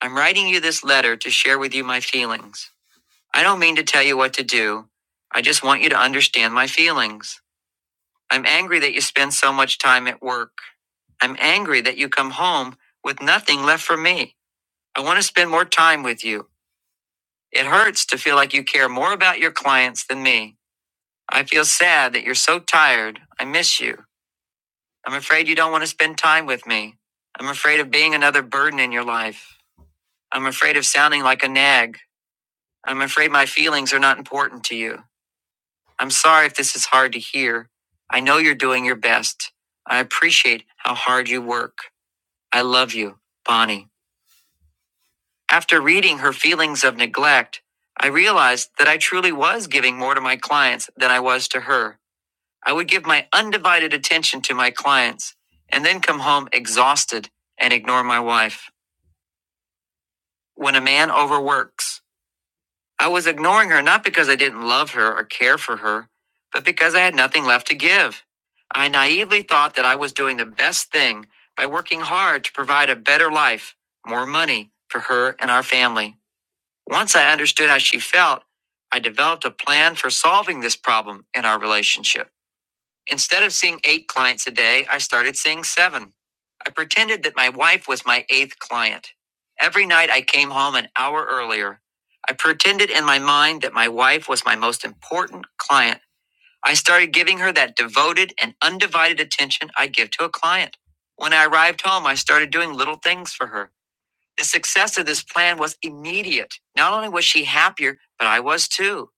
S1: I'm writing you this letter to share with you my feelings. I don't mean to tell you what to do. I just want you to understand my feelings. I'm angry that you spend so much time at work. I'm angry that you come home with nothing left for me. I want to spend more time with you. It hurts to feel like you care more about your clients than me. I feel sad that you're so tired. I miss you. I'm afraid you don't want to spend time with me. I'm afraid of being another burden in your life. I'm afraid of sounding like a nag. I'm afraid my feelings are not important to you. I'm sorry if this is hard to hear. I know you're doing your best. I appreciate how hard you work. I love you, Bonnie. After reading her feelings of neglect, I realized that I truly was giving more to my clients than I was to her. I would give my undivided attention to my clients and then come home exhausted and ignore my wife. When a man overworks, I was ignoring her not because I didn't love her or care for her, but because I had nothing left to give. I naively thought that I was doing the best thing by working hard to provide a better life, more money for her and our family. Once I understood how she felt, I developed a plan for solving this problem in our relationship. Instead of seeing eight clients a day, I started seeing seven. I pretended that my wife was my eighth client. Every night I came home an hour earlier. I pretended in my mind that my wife was my most important client. I started giving her that devoted and undivided attention I give to a client. When I arrived home, I started doing little things for her. The success of this plan was immediate. Not only was she happier, but I was too.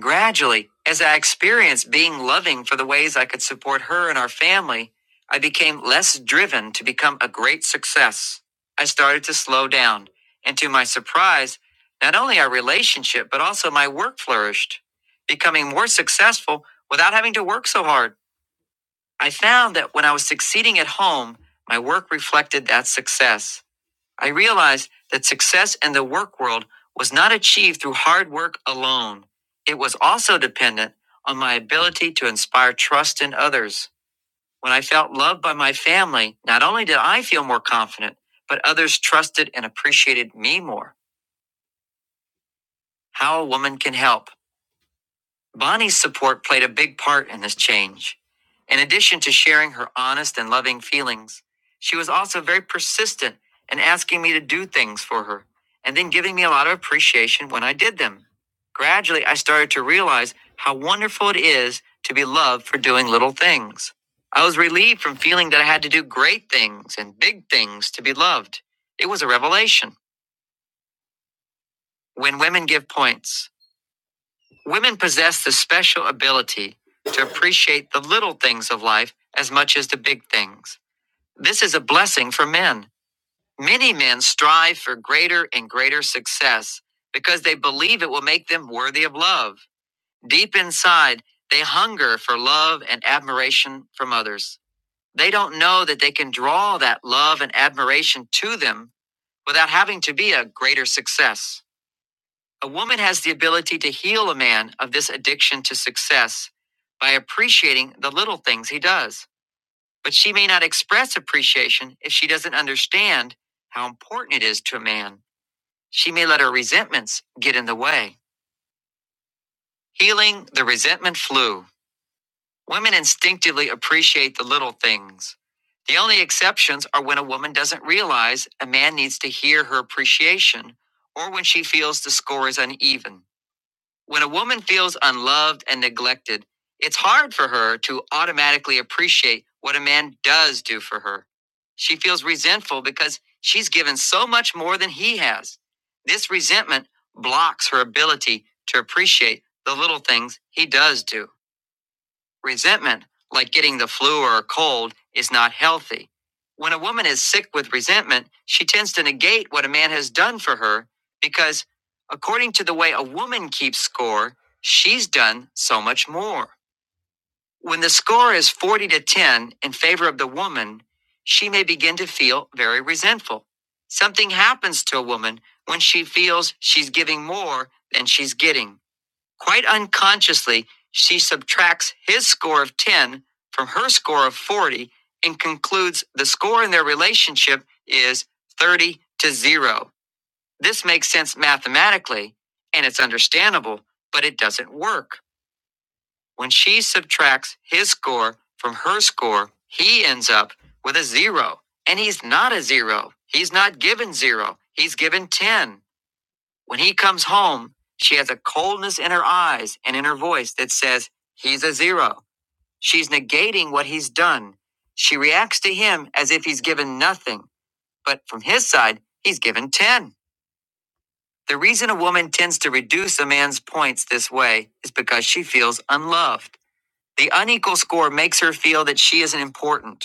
S1: Gradually, as I experienced being loving for the ways I could support her and our family, I became less driven to become a great success. I started to slow down, and to my surprise, not only our relationship, but also my work flourished, becoming more successful without having to work so hard. I found that when I was succeeding at home, my work reflected that success. I realized that success in the work world was not achieved through hard work alone. It was also dependent on my ability to inspire trust in others. When I felt loved by my family, not only did I feel more confident, but others trusted and appreciated me more. How a woman can help. Bonnie's support played a big part in this change. In addition to sharing her honest and loving feelings, she was also very persistent in asking me to do things for her and then giving me a lot of appreciation when I did them. Gradually, I started to realize how wonderful it is to be loved for doing little things. I was relieved from feeling that I had to do great things and big things to be loved. It was a revelation. When women give points. Women possess the special ability to appreciate the little things of life as much as the big things. This is a blessing for men. Many men strive for greater and greater success because they believe it will make them worthy of love. Deep inside, they hunger for love and admiration from others. They don't know that they can draw that love and admiration to them without having to be a greater success. A woman has the ability to heal a man of this addiction to success by appreciating the little things he does. But she may not express appreciation if she doesn't understand how important it is to a man. She may let her resentments get in the way. Healing the resentment flu. Women instinctively appreciate the little things. The only exceptions are when a woman doesn't realize a man needs to hear her appreciation or when she feels the score is uneven. When a woman feels unloved and neglected, it's hard for her to automatically appreciate what a man does do for her. She feels resentful because she's given so much more than he has. This resentment blocks her ability to appreciate the little things he does do. Resentment, like getting the flu or a cold, is not healthy. When a woman is sick with resentment, she tends to negate what a man has done for her because, according to the way a woman keeps score, she's done so much more. When the score is 40 to 10 in favor of the woman, she may begin to feel very resentful. Something happens to a woman when she feels she's giving more than she's getting. Quite unconsciously, she subtracts his score of 10 from her score of 40 and concludes the score in their relationship is 30 to 0. This makes sense mathematically and it's understandable, but it doesn't work. When she subtracts his score from her score, he ends up with a zero. And he's not a zero. He's not given zero. He's given 10. When he comes home, she has a coldness in her eyes and in her voice that says, He's a zero. She's negating what he's done. She reacts to him as if he's given nothing, but from his side, he's given 10. The reason a woman tends to reduce a man's points this way is because she feels unloved. The unequal score makes her feel that she isn't important.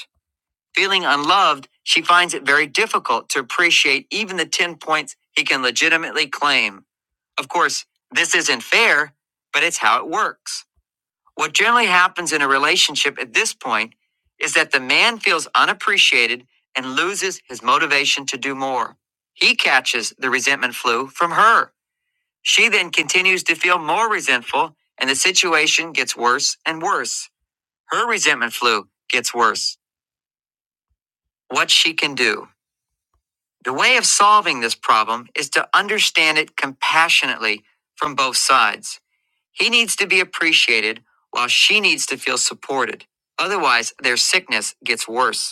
S1: Feeling unloved, she finds it very difficult to appreciate even the 10 points he can legitimately claim. Of course, this isn't fair, but it's how it works. What generally happens in a relationship at this point is that the man feels unappreciated and loses his motivation to do more. He catches the resentment flu from her. She then continues to feel more resentful, and the situation gets worse and worse. Her resentment flu gets worse. What she can do. The way of solving this problem is to understand it compassionately from both sides. He needs to be appreciated while she needs to feel supported. Otherwise, their sickness gets worse.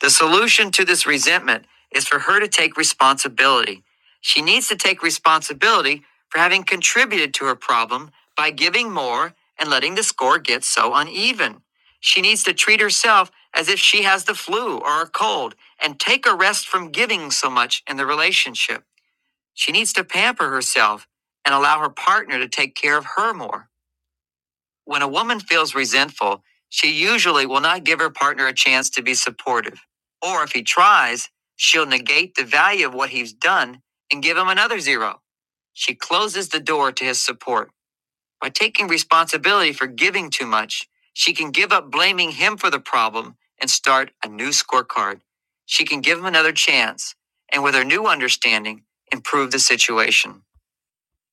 S1: The solution to this resentment is for her to take responsibility. She needs to take responsibility for having contributed to her problem by giving more and letting the score get so uneven. She needs to treat herself as if she has the flu or a cold and take a rest from giving so much in the relationship. She needs to pamper herself and allow her partner to take care of her more. When a woman feels resentful, she usually will not give her partner a chance to be supportive. Or if he tries, she'll negate the value of what he's done and give him another zero. She closes the door to his support. By taking responsibility for giving too much, she can give up blaming him for the problem and start a new scorecard. She can give him another chance and, with her new understanding, improve the situation.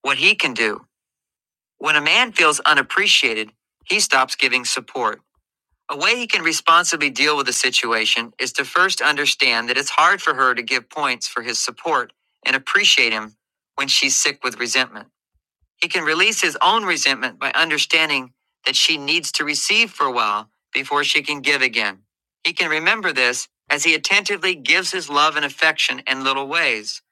S1: What he can do. When a man feels unappreciated, he stops giving support. A way he can responsibly deal with the situation is to first understand that it's hard for her to give points for his support and appreciate him when she's sick with resentment. He can release his own resentment by understanding that she needs to receive for a while before she can give again. He can remember this as he attentively gives his love and affection in little ways.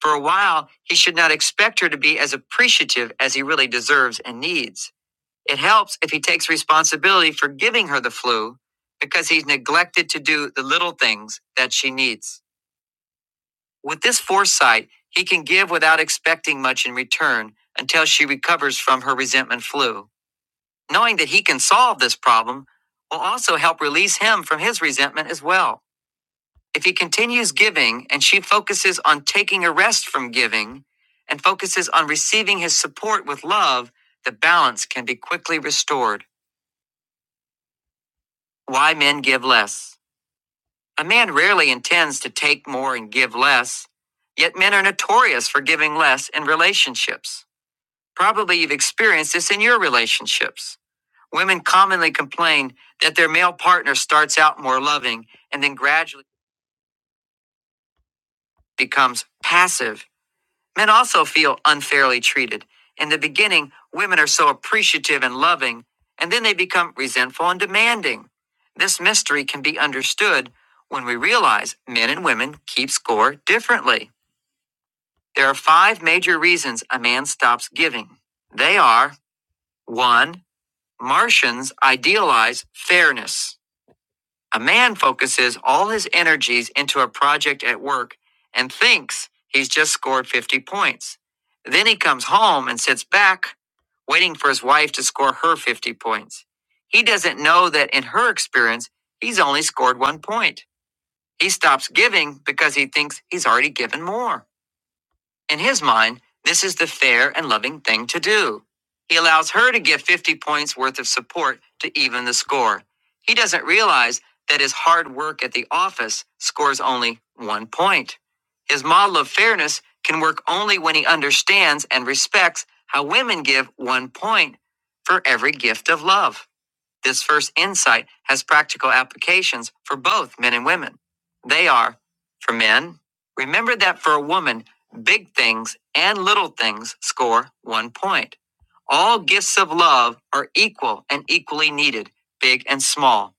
S1: For a while, he should not expect her to be as appreciative as he really deserves and needs. It helps if he takes responsibility for giving her the flu because he's neglected to do the little things that she needs. With this foresight, he can give without expecting much in return until she recovers from her resentment flu. Knowing that he can solve this problem will also help release him from his resentment as well. If he continues giving and she focuses on taking a rest from giving and focuses on receiving his support with love, the balance can be quickly restored. Why men give less. A man rarely intends to take more and give less, yet men are notorious for giving less in relationships. Probably you've experienced this in your relationships. Women commonly complain that their male partner starts out more loving and then gradually becomes passive Men also feel unfairly treated. In the beginning, women are so appreciative and loving, and then they become resentful and demanding. This mystery can be understood when we realize men and women keep score differently. There are five major reasons a man stops giving. They are 1. Martians idealize fairness. A man focuses all his energies into a project at work and thinks he's just scored 50 points. Then he comes home and sits back, waiting for his wife to score her 50 points. He doesn't know that in her experience, he's only scored one point. He stops giving because he thinks he's already given more. In his mind, this is the fair and loving thing to do. He allows her to give 50 points worth of support to even the score. He doesn't realize that his hard work at the office scores only one point. His model of fairness can work only when he understands and respects how women give one point for every gift of love. This first insight has practical applications for both men and women. They are for men, remember that for a woman, big things and little things score one point. All gifts of love are equal and equally needed, big and small.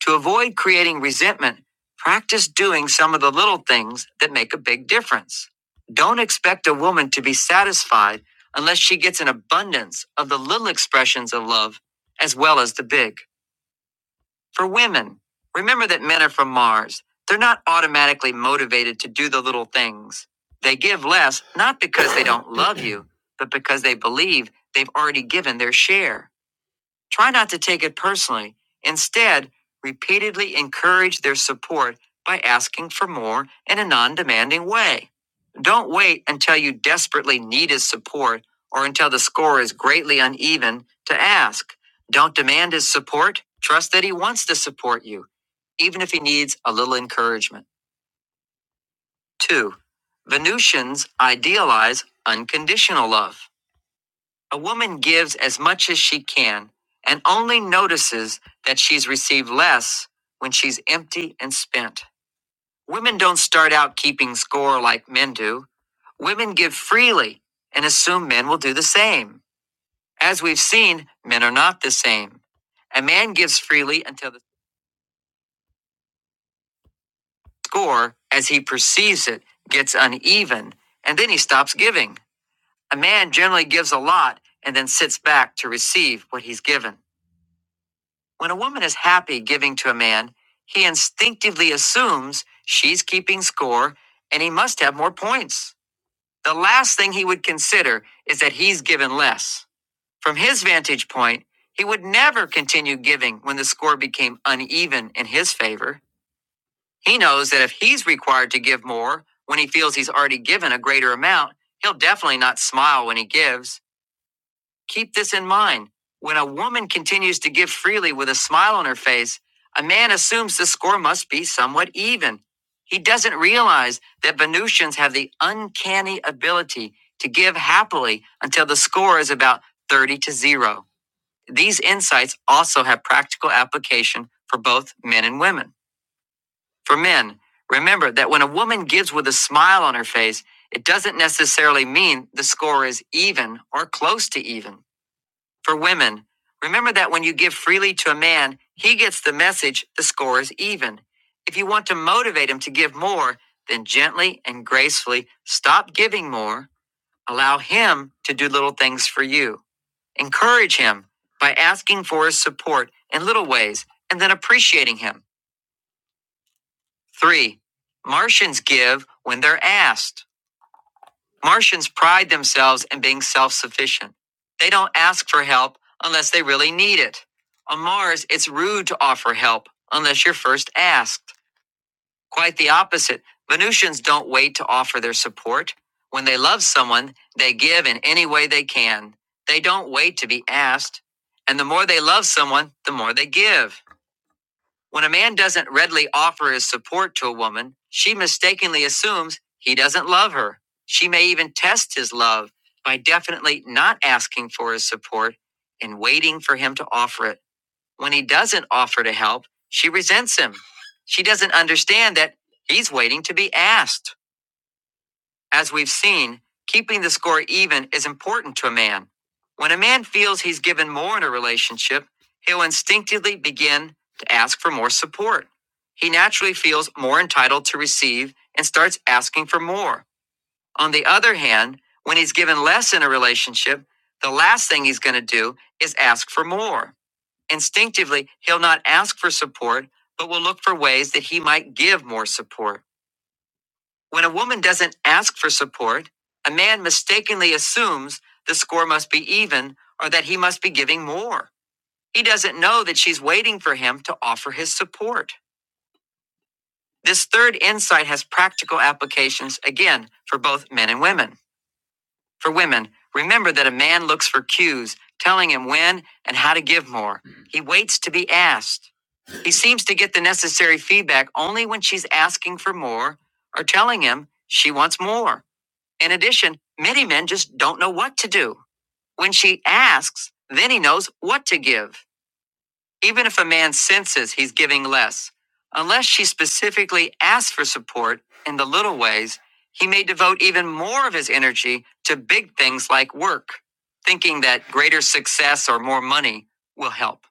S1: To avoid creating resentment, practice doing some of the little things that make a big difference. Don't expect a woman to be satisfied unless she gets an abundance of the little expressions of love as well as the big. For women, remember that men are from Mars. They're not automatically motivated to do the little things. They give less, not because they don't love you, but because they believe they've already given their share. Try not to take it personally. Instead, repeatedly encourage their support by asking for more in a non demanding way. Don't wait until you desperately need his support or until the score is greatly uneven to ask. Don't demand his support. Trust that he wants to support you, even if he needs a little encouragement. 2. Venusians idealize unconditional love. A woman gives as much as she can and only notices that she's received less when she's empty and spent. Women don't start out keeping score like men do. Women give freely and assume men will do the same. As we've seen, men are not the same. A man gives freely until the score, as he perceives it, gets uneven, and then he stops giving. A man generally gives a lot and then sits back to receive what he's given. When a woman is happy giving to a man, he instinctively assumes she's keeping score and he must have more points. The last thing he would consider is that he's given less. From his vantage point, he would never continue giving when the score became uneven in his favor. He knows that if he's required to give more when he feels he's already given a greater amount, he'll definitely not smile when he gives. Keep this in mind. When a woman continues to give freely with a smile on her face, a man assumes the score must be somewhat even. He doesn't realize that Venusians have the uncanny ability to give happily until the score is about 30 to 0. These insights also have practical application for both men and women. For men, remember that when a woman gives with a smile on her face, it doesn't necessarily mean the score is even or close to even. For women, remember that when you give freely to a man, he gets the message the score is even. If you want to motivate him to give more, then gently and gracefully stop giving more. Allow him to do little things for you. Encourage him by asking for his support in little ways and then appreciating him. Three, Martians give when they're asked. Martians pride themselves in being self sufficient. They don't ask for help unless they really need it. On Mars, it's rude to offer help unless you're first asked. Quite the opposite. Venusians don't wait to offer their support. When they love someone, they give in any way they can. They don't wait to be asked. And the more they love someone, the more they give. When a man doesn't readily offer his support to a woman, she mistakenly assumes he doesn't love her. She may even test his love by definitely not asking for his support and waiting for him to offer it. When he doesn't offer to help, she resents him. She doesn't understand that he's waiting to be asked. As we've seen, keeping the score even is important to a man. When a man feels he's given more in a relationship, he'll instinctively begin to ask for more support. He naturally feels more entitled to receive and starts asking for more. On the other hand, when he's given less in a relationship, the last thing he's going to do is ask for more. Instinctively, he'll not ask for support, but will look for ways that he might give more support. When a woman doesn't ask for support, a man mistakenly assumes the score must be even or that he must be giving more. He doesn't know that she's waiting for him to offer his support. This third insight has practical applications, again, for both men and women. For women, remember that a man looks for cues telling him when and how to give more. He waits to be asked. He seems to get the necessary feedback only when she's asking for more or telling him she wants more. In addition, many men just don't know what to do. When she asks, then he knows what to give, even if a man senses he's giving less. Unless she specifically asks for support in the little ways, he may devote even more of his energy to big things like work, thinking that greater success or more money will help.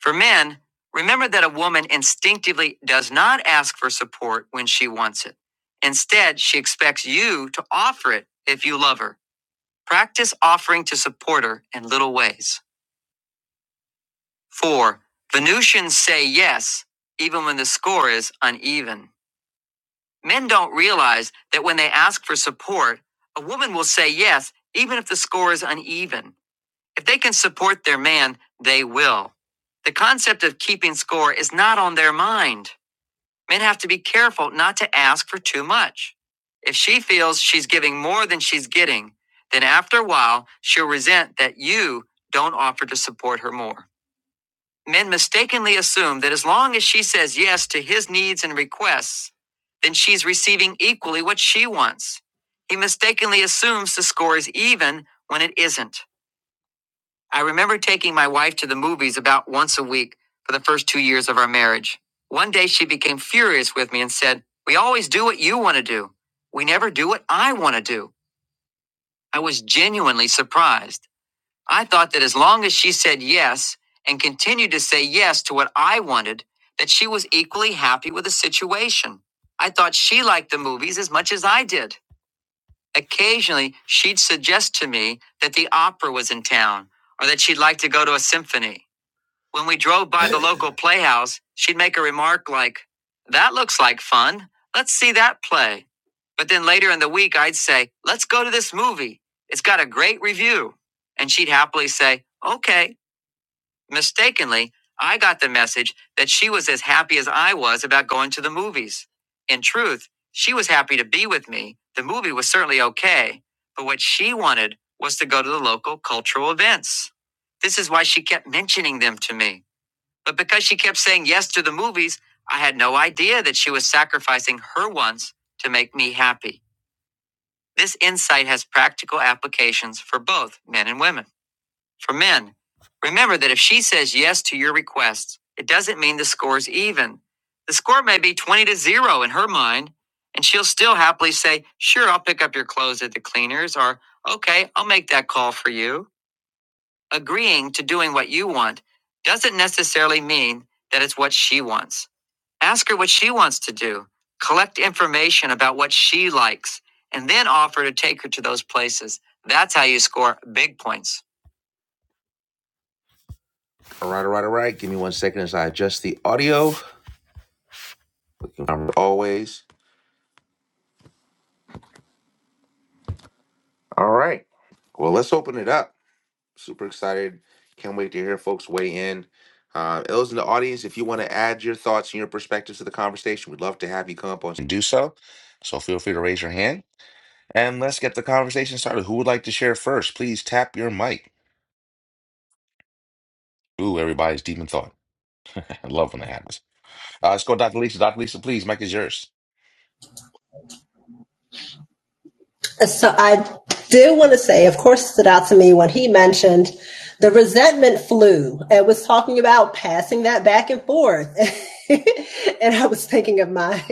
S1: For men, remember that a woman instinctively does not ask for support when she wants it. Instead, she expects you to offer it if you love her. Practice offering to support her in little ways. 4. Venusians say yes even when the score is uneven. Men don't realize that when they ask for support, a woman will say yes even if the score is uneven. If they can support their man, they will. The concept of keeping score is not on their mind. Men have to be careful not to ask for too much. If she feels she's giving more than she's getting, then after a while, she'll resent that you don't offer to support her more. Men mistakenly assume that as long as she says yes to his needs and requests, then she's receiving equally what she wants. He mistakenly assumes the score is even when it isn't. I remember taking my wife to the movies about once a week for the first two years of our marriage. One day she became furious with me and said, We always do what you want to do. We never do what I want to do. I was genuinely surprised. I thought that as long as she said yes and continued to say yes to what I wanted, that she was equally happy with the situation. I thought she liked the movies as much as I did. Occasionally, she'd suggest to me that the opera was in town or that she'd like to go to a symphony. When we drove by the local playhouse, she'd make a remark like, That looks like fun. Let's see that play. But then later in the week, I'd say, Let's go to this movie. It's got a great review. And she'd happily say, Okay. Mistakenly, I got the message that she was as happy as I was about going to the movies. In truth, she was happy to be with me. The movie was certainly okay. But what she wanted was to go to the local cultural events. This is why she kept mentioning them to me. But because she kept saying yes to the movies, I had no idea that she was sacrificing her wants to make me happy. This insight has practical applications for both men and women. For men, remember that if she says yes to your requests, it doesn't mean the score's even. The score may be 20 to 0 in her mind, and she'll still happily say, Sure, I'll pick up your clothes at the cleaners, or Okay, I'll make that call for you. Agreeing to doing what you want doesn't necessarily mean that it's what she wants. Ask her what she wants to do. Collect information about what she likes and then offer to take her to those places. That's how you score big points. All right, all right, all right. Give me one second as I adjust the audio. always. All right. Well, let's open it up. Super excited. Can't wait to hear folks weigh in. Uh, those in the audience, if you want to add your thoughts and your perspectives to the conversation, we'd love to have you come up on and do so. So feel free to raise your hand. And let's get the conversation started. Who would like to share first? Please tap your mic. Ooh, everybody's deep in thought. [laughs] I love when that happens. Uh, let's go, Dr. Lisa. Dr. Lisa, please, Mike is yours.
S7: So I do want to say, of course, it stood out to me when he mentioned the resentment flew and was talking about passing that back and forth. [laughs] and I was thinking of my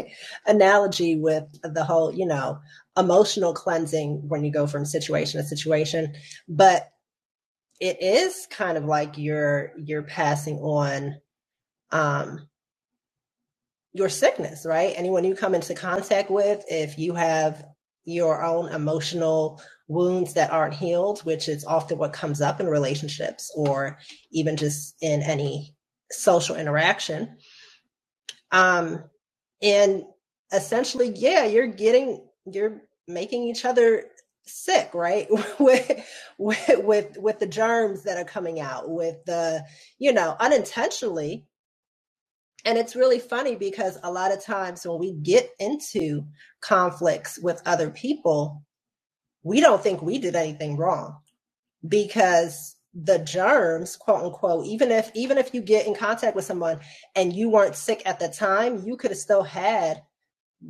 S7: analogy with the whole, you know, emotional cleansing when you go from situation to situation. But it is kind of like you're you're passing on um your sickness, right? Anyone you come into contact with, if you have your own emotional wounds that aren't healed, which is often what comes up in relationships or even just in any social interaction. Um, and essentially, yeah, you're getting, you're making each other sick, right? [laughs] with, with, with, with the germs that are coming out, with the, you know, unintentionally, and it's really funny because a lot of times when we get into conflicts with other people, we don't think we did anything wrong because the germs, quote unquote, even if even if you get in contact with someone and you weren't sick at the time, you could have still had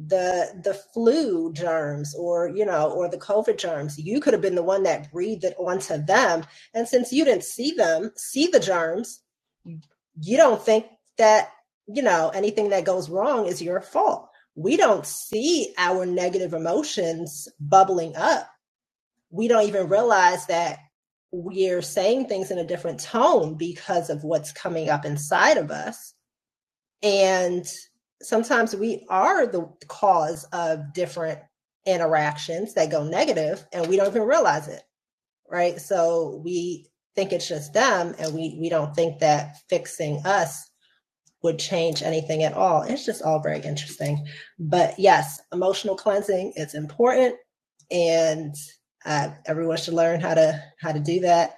S7: the the flu germs or you know or the covid germs you could have been the one that breathed it onto them and since you didn't see them see the germs you don't think that you know anything that goes wrong is your fault we don't see our negative emotions bubbling up we don't even realize that we're saying things in a different tone because of what's coming up inside of us and sometimes we are the cause of different interactions that go negative and we don't even realize it right so we think it's just them and we we don't think that fixing us would change anything at all. It's just all very interesting. But yes, emotional cleansing is important, and uh, everyone should learn how to how to do that.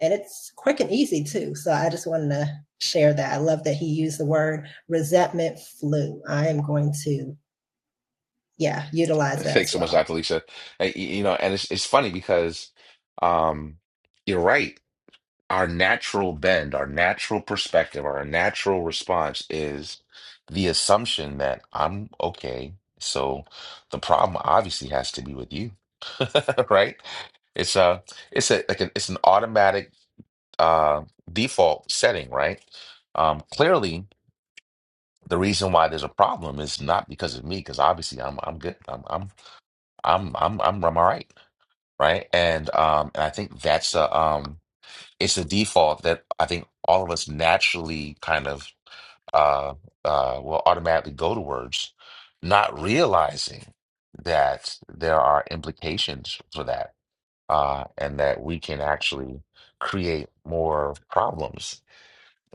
S7: And it's quick and easy too. So I just wanted to share that. I love that he used the word resentment flu. I am going to yeah
S1: [laughs]
S7: utilize that
S1: Thanks
S7: as
S1: so much,
S7: well.
S1: Dr. Lisa. Uh, y- You know, and it's it's funny because um, you're right. Our natural bend, our natural perspective, our natural response is the assumption that I'm okay. So the problem obviously has to be with you, [laughs] right? It's a, it's a like an, it's an automatic uh, default setting, right? Um, clearly The reason why there's a problem is not because of me, because obviously I'm I'm good. I'm I'm I'm I'm I'm, I'm all right, right? And um and I think that's a um it's a default that I think all of us naturally kind of uh uh will automatically go towards, not realizing that there are implications for that, uh, and that we can actually create more problems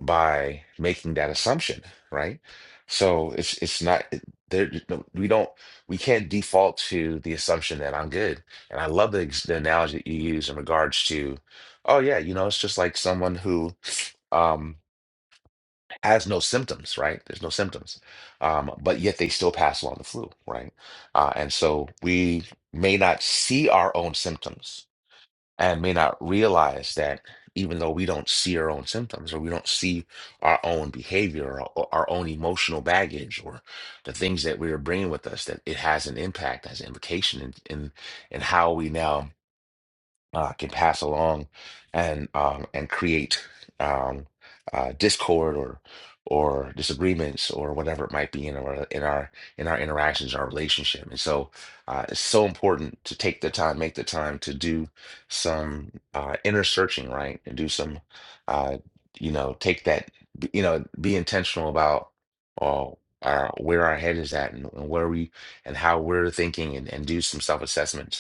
S1: by making that assumption, right? So it's it's not it- there. no, We don't we can't default to the assumption that I'm good. And I love the, ex- the analogy that you use in regards to, oh yeah, you know, it's just like someone who um has no symptoms, right? There's no symptoms, um, but yet they still pass along the flu, right? Uh, and so we may not see our own symptoms and may not realize that even though we don't see our own symptoms or we don't see our own behavior or our our own emotional baggage or the things that we are bringing with us that it has an impact has an implication in in, in how we now uh, can pass along and um, and create um, uh, discord or or disagreements or whatever it might be in our in our in our interactions, our relationship. And so uh, it's so important to take the time, make the time to do some uh, inner searching, right? And do some, uh, you know, take that, b- you know, be intentional about uh, our, where our head is at and, and where we and how we're thinking and, and do some self-assessment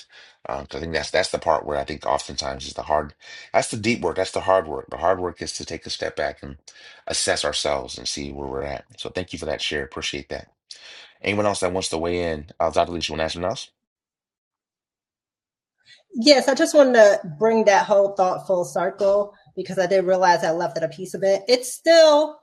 S1: um, so I think that's that's the part where I think oftentimes is the hard, that's the deep work, that's the hard work. The hard work is to take a step back and assess ourselves and see where we're at. So thank you for that share. Appreciate that. Anyone else that wants to weigh in? Uh, Dr. Lisa, want to ask anyone else?
S7: Yes, I just wanted to bring that whole thought full circle because I did realize I left out a piece of it. It's still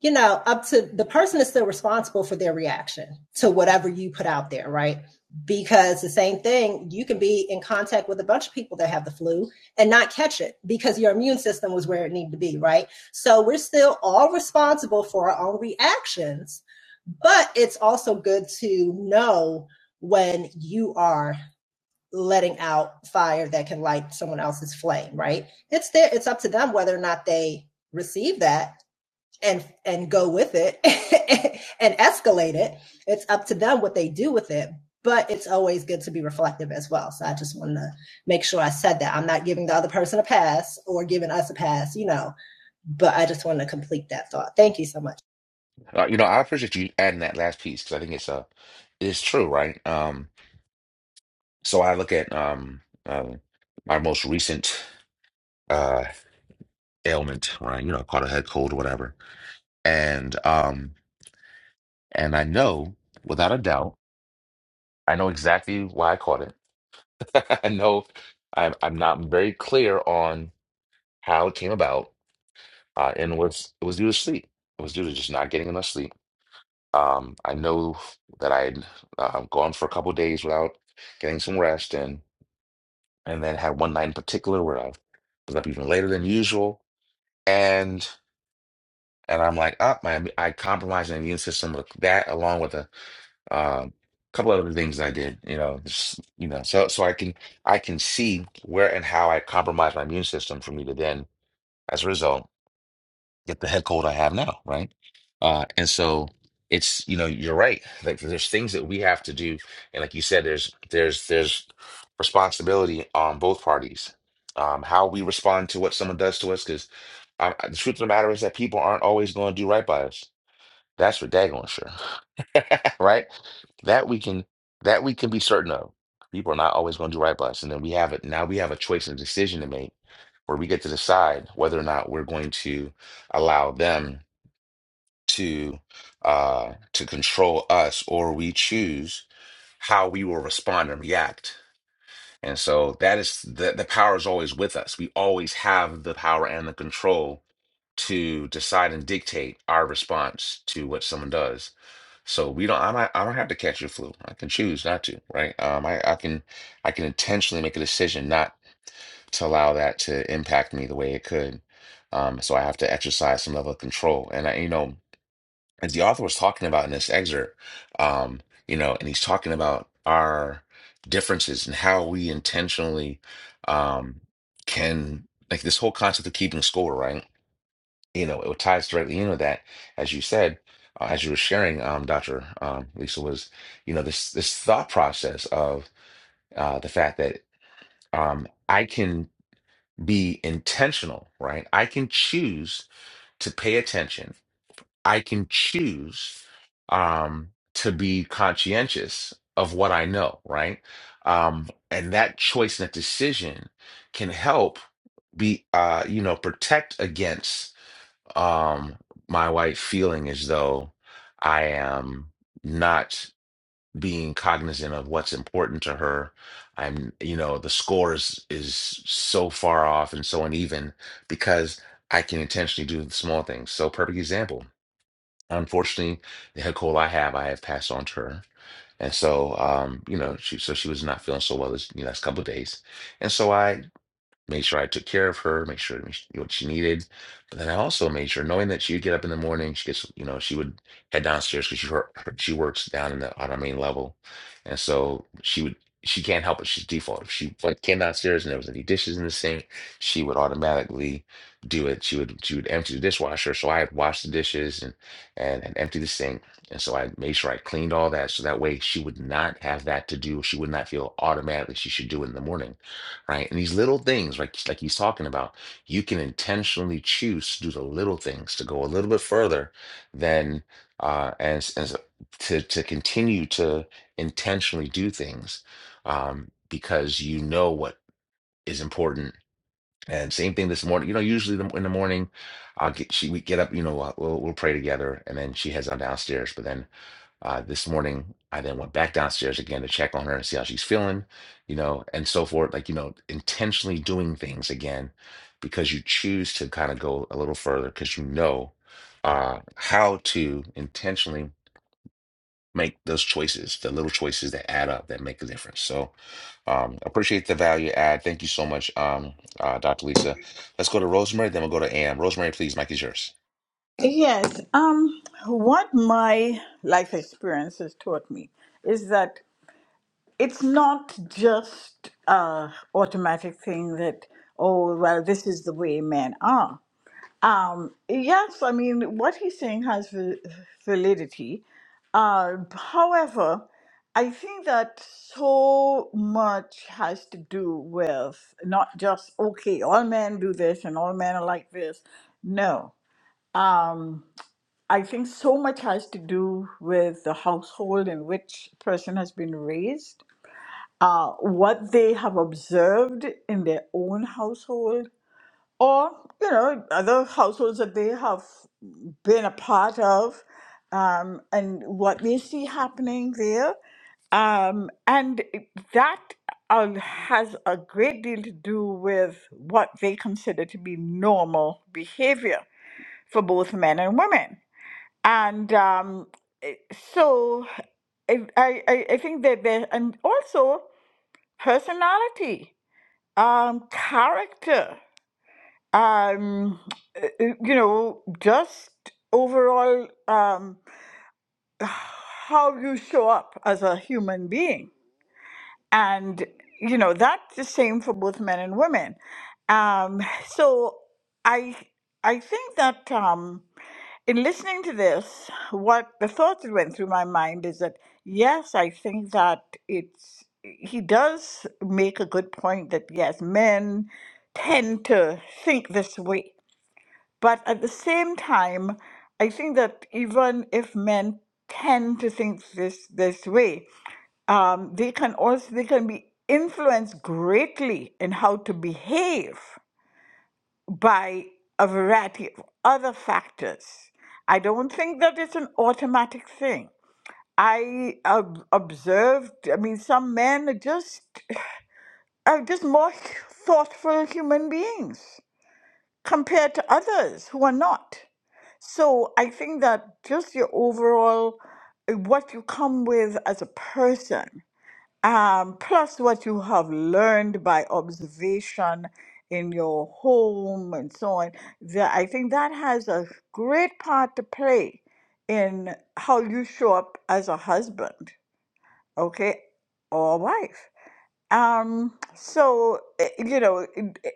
S7: you know, up to the person is still responsible for their reaction to whatever you put out there, right? Because the same thing, you can be in contact with a bunch of people that have the flu and not catch it because your immune system was where it needed to be, right? So we're still all responsible for our own reactions, but it's also good to know when you are letting out fire that can light someone else's flame, right? It's there, it's up to them whether or not they receive that and and go with it [laughs] and escalate it. It's up to them what they do with it. But it's always good to be reflective as well. So I just wanted to make sure I said that. I'm not giving the other person a pass or giving us a pass, you know. But I just wanted to complete that thought. Thank you so much.
S1: Uh, you know, I appreciate you adding that last piece because I think it's uh, it's true, right? Um, so I look at um, uh, my most recent uh ailment, right? You know, I caught a head cold or whatever, and um, and I know without a doubt, I know exactly why I caught it. [laughs] I know I'm I'm not very clear on how it came about, uh, and was it was due to sleep. It was due to just not getting enough sleep. Um, I know that I'd uh, gone for a couple days without getting some rest, and and then had one night in particular where I was up even later than usual, and and I'm like, up, my I compromised my immune system with that, along with a Um, a couple other things I did, you know, just, you know, so so I can I can see where and how I compromise my immune system for me to then, as a result, get the head cold I have now, right? Uh, and so it's, you know, you're right. Like there's things that we have to do, and like you said, there's there's there's responsibility on both parties. Um, how we respond to what someone does to us, because the truth of the matter is that people aren't always going to do right by us. That's for daggone sure. [laughs] right? That we can that we can be certain of. People are not always going to do right by us, and then we have it. Now we have a choice and decision to make, where we get to decide whether or not we're going to allow them to uh, to control us, or we choose how we will respond and react. And so that is the the power is always with us. We always have the power and the control to decide and dictate our response to what someone does. So we don't. I might. I don't have to catch your flu. I can choose not to. Right. Um. I. I can. I can intentionally make a decision not to allow that to impact me the way it could. Um. So I have to exercise some level of control. And I, you know, as the author was talking about in this excerpt, um, you know, and he's talking about our differences and how we intentionally, um, can like this whole concept of keeping score. Right you know, it ties directly into that, as you said, uh, as you were sharing, um, Dr. Um, Lisa was, you know, this this thought process of uh, the fact that um, I can be intentional, right? I can choose to pay attention. I can choose um, to be conscientious of what I know, right? Um, and that choice and that decision can help be, uh, you know, protect against um my wife feeling as though I am not being cognizant of what's important to her. I'm, you know, the score is is so far off and so uneven because I can intentionally do the small things. So perfect example. Unfortunately, the head cold I have, I have passed on to her. And so, um, you know, she so she was not feeling so well this you know, last couple of days. And so I made sure I took care of her, make sure sure what she needed. But then I also made sure, knowing that she would get up in the morning, she gets, you know, she would head downstairs because she her, she works down in the on our main level, and so she would she can't help it. She's default. If she like, came downstairs and there was any dishes in the sink, she would automatically do it. She would she would empty the dishwasher, so I had washed the dishes and and, and empty the sink, and so I made sure I cleaned all that, so that way she would not have that to do. She would not feel automatically she should do it in the morning right? And these little things, like like he's talking about, you can intentionally choose to do the little things to go a little bit further than uh and, s- and s- to to continue to intentionally do things um because you know what is important. And same thing this morning, you know, usually the, in the morning, I'll get she we get up, you know, uh, we'll we'll pray together and then she heads on downstairs, but then uh, this morning, I then went back downstairs again to check on her and see how she's feeling, you know, and so forth. Like, you know, intentionally doing things again because you choose to kind of go a little further because you know uh, how to intentionally make those choices, the little choices that add up, that make a difference. So, um, appreciate the value add. Thank you so much, um, uh, Dr. Lisa. Let's go to Rosemary, then we'll go to Ann. Rosemary, please, Mic is yours.
S4: Yes. Um, what my life experience has taught me is that it's not just a automatic thing that oh well this is the way men are Um, yes, I mean, what he's saying has val- validity. Uh, however, I think that so much has to do with not just, okay, all men do this and all men are like this. No. Um, I think so much has to do with the household in which a person has been raised, uh, what they have observed in their own household, or you know other households that they have been a part of um, and what they see happening there um, and that uh, has a great deal to do with what they consider to be normal behavior for both men and women and um, eh, so I, I, I I think that there and also personality um, character um uh, uh, you know just overall um how you show up as a human being and you know that's the same for both men and women um so i i think that um in listening to this what the thoughts that went through my mind is that yes i think that it's he does make a good point that yes men tend to think this way but at the same time, I think that even if men tend to think this this way, um, they can also they can be influenced greatly in how to behave by a variety of other factors. I don't think that it's an automatic thing. I ob- observed. I mean, some men are just are just more thoughtful human beings compared to others who are not. So I think that just your overall, uh, what you come with as a person, um, plus what you have learned by observation in your home and so on, that I think that has a great part to play in how you show up as a husband, okay, or a wife. Um, so eh, you know, it- it-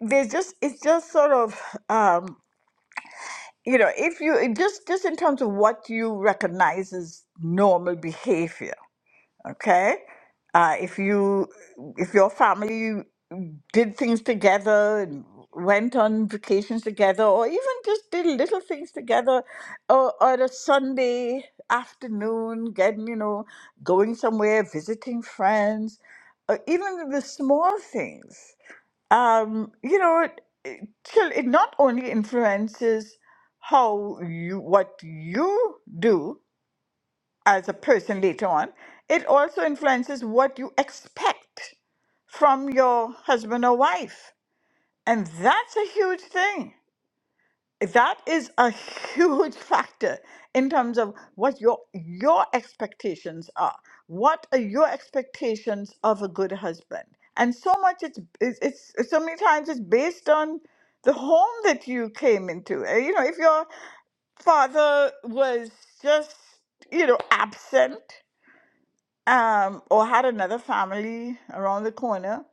S4: there's just it's just sort of. um. you know if you just just in terms of what you recognize as normal behavior okay uh, if you if your family did things together and went on vacations together or even just did little things together or, or a sunday afternoon getting you know going somewhere visiting friends or even the small things um, you know, it, it, till- it not only influences how you what you do as a person later on, it also influences what you expect from your husband or wife, and that's a huge thing that is a huge [laughs] factor in terms of what your your expectations are what are your expectations of a good husband and so much it's it's, it's so many times it's based on the home that you came into Eh, you know if your father was just you know absent um, or had another family around the corner,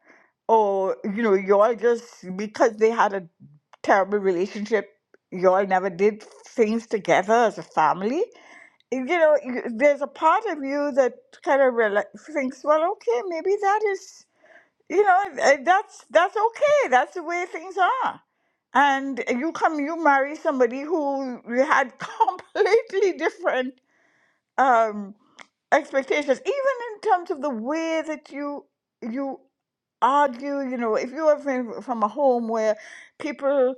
S4: or you know, y'all just because they had a terrible relationship, y'all never did things together as a family. You know, you- there's a part of you that kind of reali thinks, well, okay, maybe that is, you know, eh, that's that's okay. That's the way things are. And you come, you marry somebody who had [laughs] completely different. Um, expectations, even in terms of the way that you you argue. You know, if you are from, from a home where people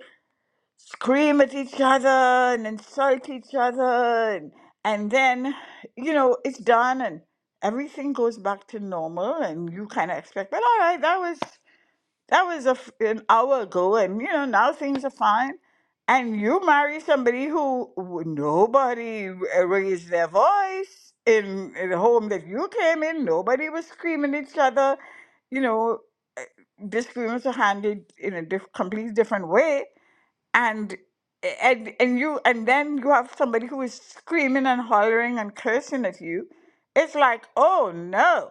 S4: scream at each other and insult each other, and, and then you know it's done and everything goes back to normal, and you kind of expect, well, all right, that was that was a f an hour ago, and you know now things are fine. And you marry somebody who w- nobody r- raised their voice in, in the home that you came in. Nobody was screaming at each other. You know, disagreements are handled in a diff- completely different way, and and and you and then you have somebody who is screaming and hollering and cursing at you. It's like, oh no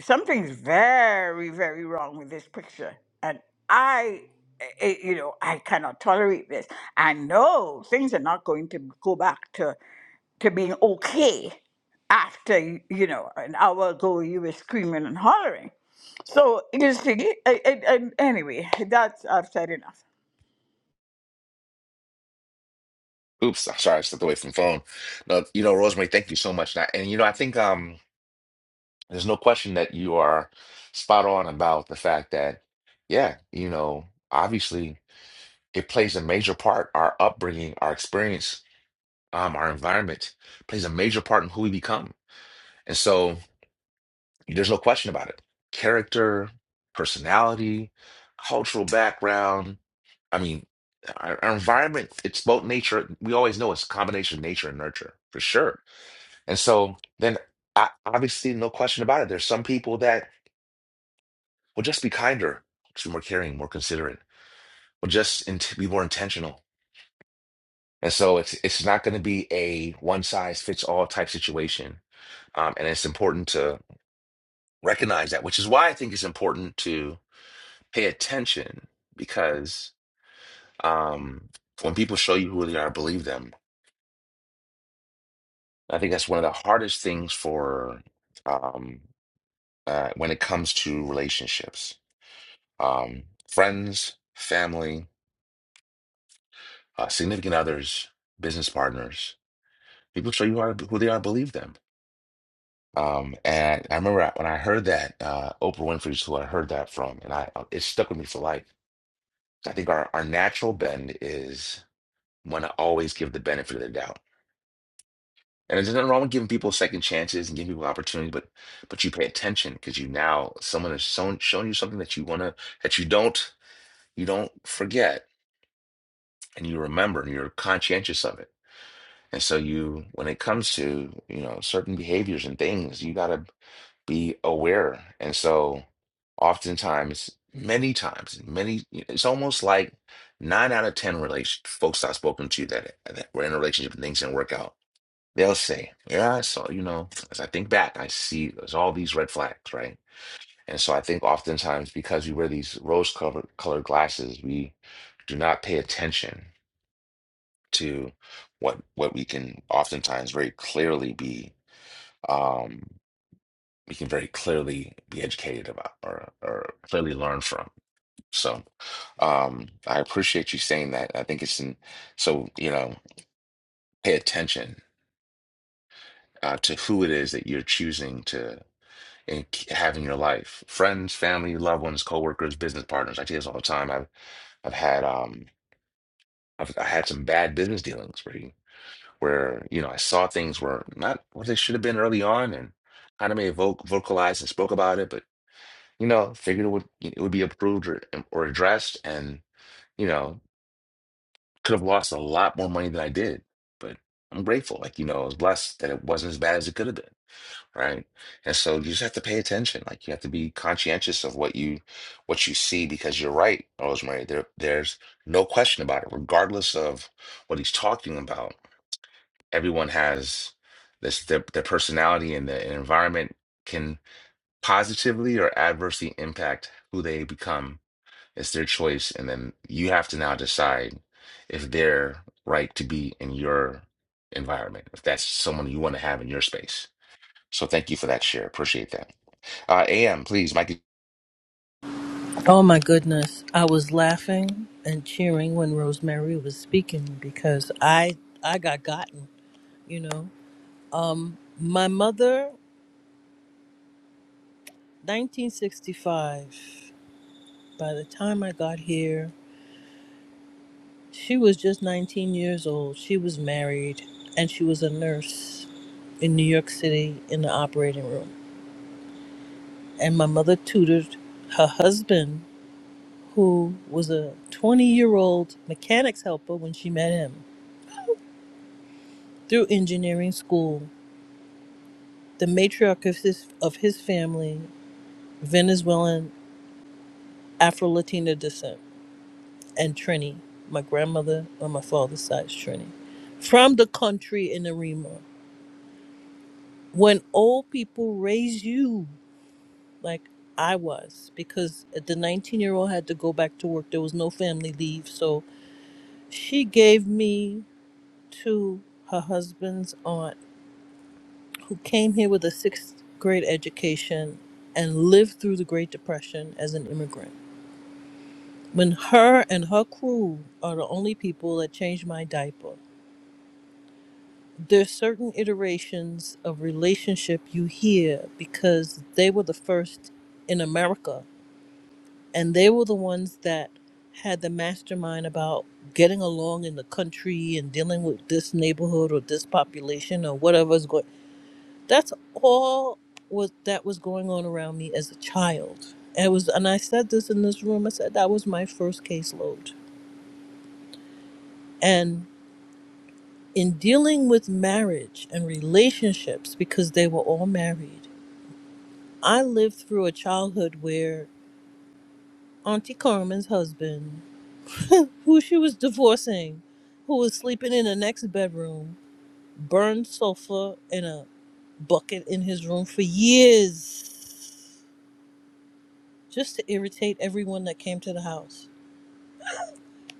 S4: something's very very wrong with this picture and i it, you know i cannot tolerate this i know things are not going to go back to to being okay after y- you know an hour ago you were screaming and hollering so you see I, I, I, anyway that's i've said enough
S1: Oops, [laughs] I'm sorry, I stepped away from the phone. No, you know, Rosemary, thank you so much. And, I- and, you know, I think. um There's no question that you are spot on about the fact that, yeah, you know, obviously it plays a major part. Our upbringing, our experience, um, our environment plays a major part in who we become. And so there's no question about it. Character, personality, cultural background. I mean, our, our environment, it's both nature. We always know it's a combination of nature and nurture for sure. And so then I, obviously, no question about it. There's some people that Well, just be kinder, just be more caring, more considerate. Well, just int be more intentional. And so it's it's not going to be a one size fits all type situation. Um, and it's important to recognize that, which is why I think it's important to pay attention because um, when people show you who they are, believe them. I think that's one of the hardest things for um, uh, when it comes to relationships, um, friends, family, uh, significant others, business partners People show you how, who they are, believe them. Um, and I remember I- when I heard that uh, Oprah Winfrey's who I heard that from, and I uh, it stuck with me for life. I think our our natural bend is want to always give the benefit of the doubt, and there's nothing wrong with giving people second chances and giving people opportunities, but but you pay attention because you now someone has shown shown you something that you want to that you don't you don't forget and you remember and you're conscientious of it. And so you, when it comes to, you know, certain behaviors and things, you gotta be aware. And so, oftentimes, many times, many, it's almost like nine out of 10 relation, folks I've spoken to that, that were in a relationship and things didn't work out, they'll say, Yeah, I saw, you know, as I think back, I see there's all these red flags, right? And so, I think oftentimes, because we wear these rose colored colored glasses, we do not pay attention to what what we can oftentimes very clearly be. um, we can very clearly be educated about or, or clearly learn from. So um, I appreciate you saying that. I think it's in, so, you know, pay attention uh, to who it is that you're choosing to and have in your life. Friends, family, loved ones, coworkers, business partners. I do this all the time. I've, I've had, um, I've, I had some bad business dealings where, you- where, you know, I saw things were not what they should have been early on and kind of may voc vocalized and spoke about it, but you know, figured it would it would be approved or or addressed, and you know, could have lost a lot more money than I did. But I'm grateful, like you know, I was blessed that it wasn't as bad as it could have been, right? And so you just have to pay attention, like you have to be conscientious of what you what you see because you're right, Rosemary. There, there's no question about it, regardless of what he's talking about. Everyone has this their, their personality and the environment can positively or adversely impact who they become It's their choice, and then you have to now decide if they're right to be in your environment, if that's someone you want to have in your space. So thank you for that share. Appreciate that. Uh, AM, please, Mikey.
S3: Oh my goodness. I was laughing and cheering when Rosemary was speaking because I I got gotten, you know. Um my mother 1965 by the time I got here She was just 19 years old. She was married and she was a nurse in New York City in the operating room. And my mother tutored her husband, who was a 20 year old mechanics helper when she met him, through engineering school. The matriarch of his, of his family, Venezuelan Afro Latina descent, and Trini, my grandmother on my father's side, is Trini, from the country in the Rima. When old people raise you like I was because the 19 year old had to go back to work. There was no family leave. So she gave me to her husband's aunt who came here with a sixth grade education and lived through the Great Depression as an immigrant. When her and her crew are the only people that changed my diaper, there's certain iterations of relationship you hear because they were the first in America and they were the ones that had the mastermind about getting along in the country and dealing with this neighborhood or this population or whatever's going that's all was that was going on around me as a child it was and i said this in this room i said that was my first caseload and in dealing with marriage and relationships because they were all married i lived through a childhood where auntie carmen's husband [laughs] who she was divorcing, who was sleeping in the next bedroom, burned sofa in a bucket in his room for years, just to irritate everyone that came to the house.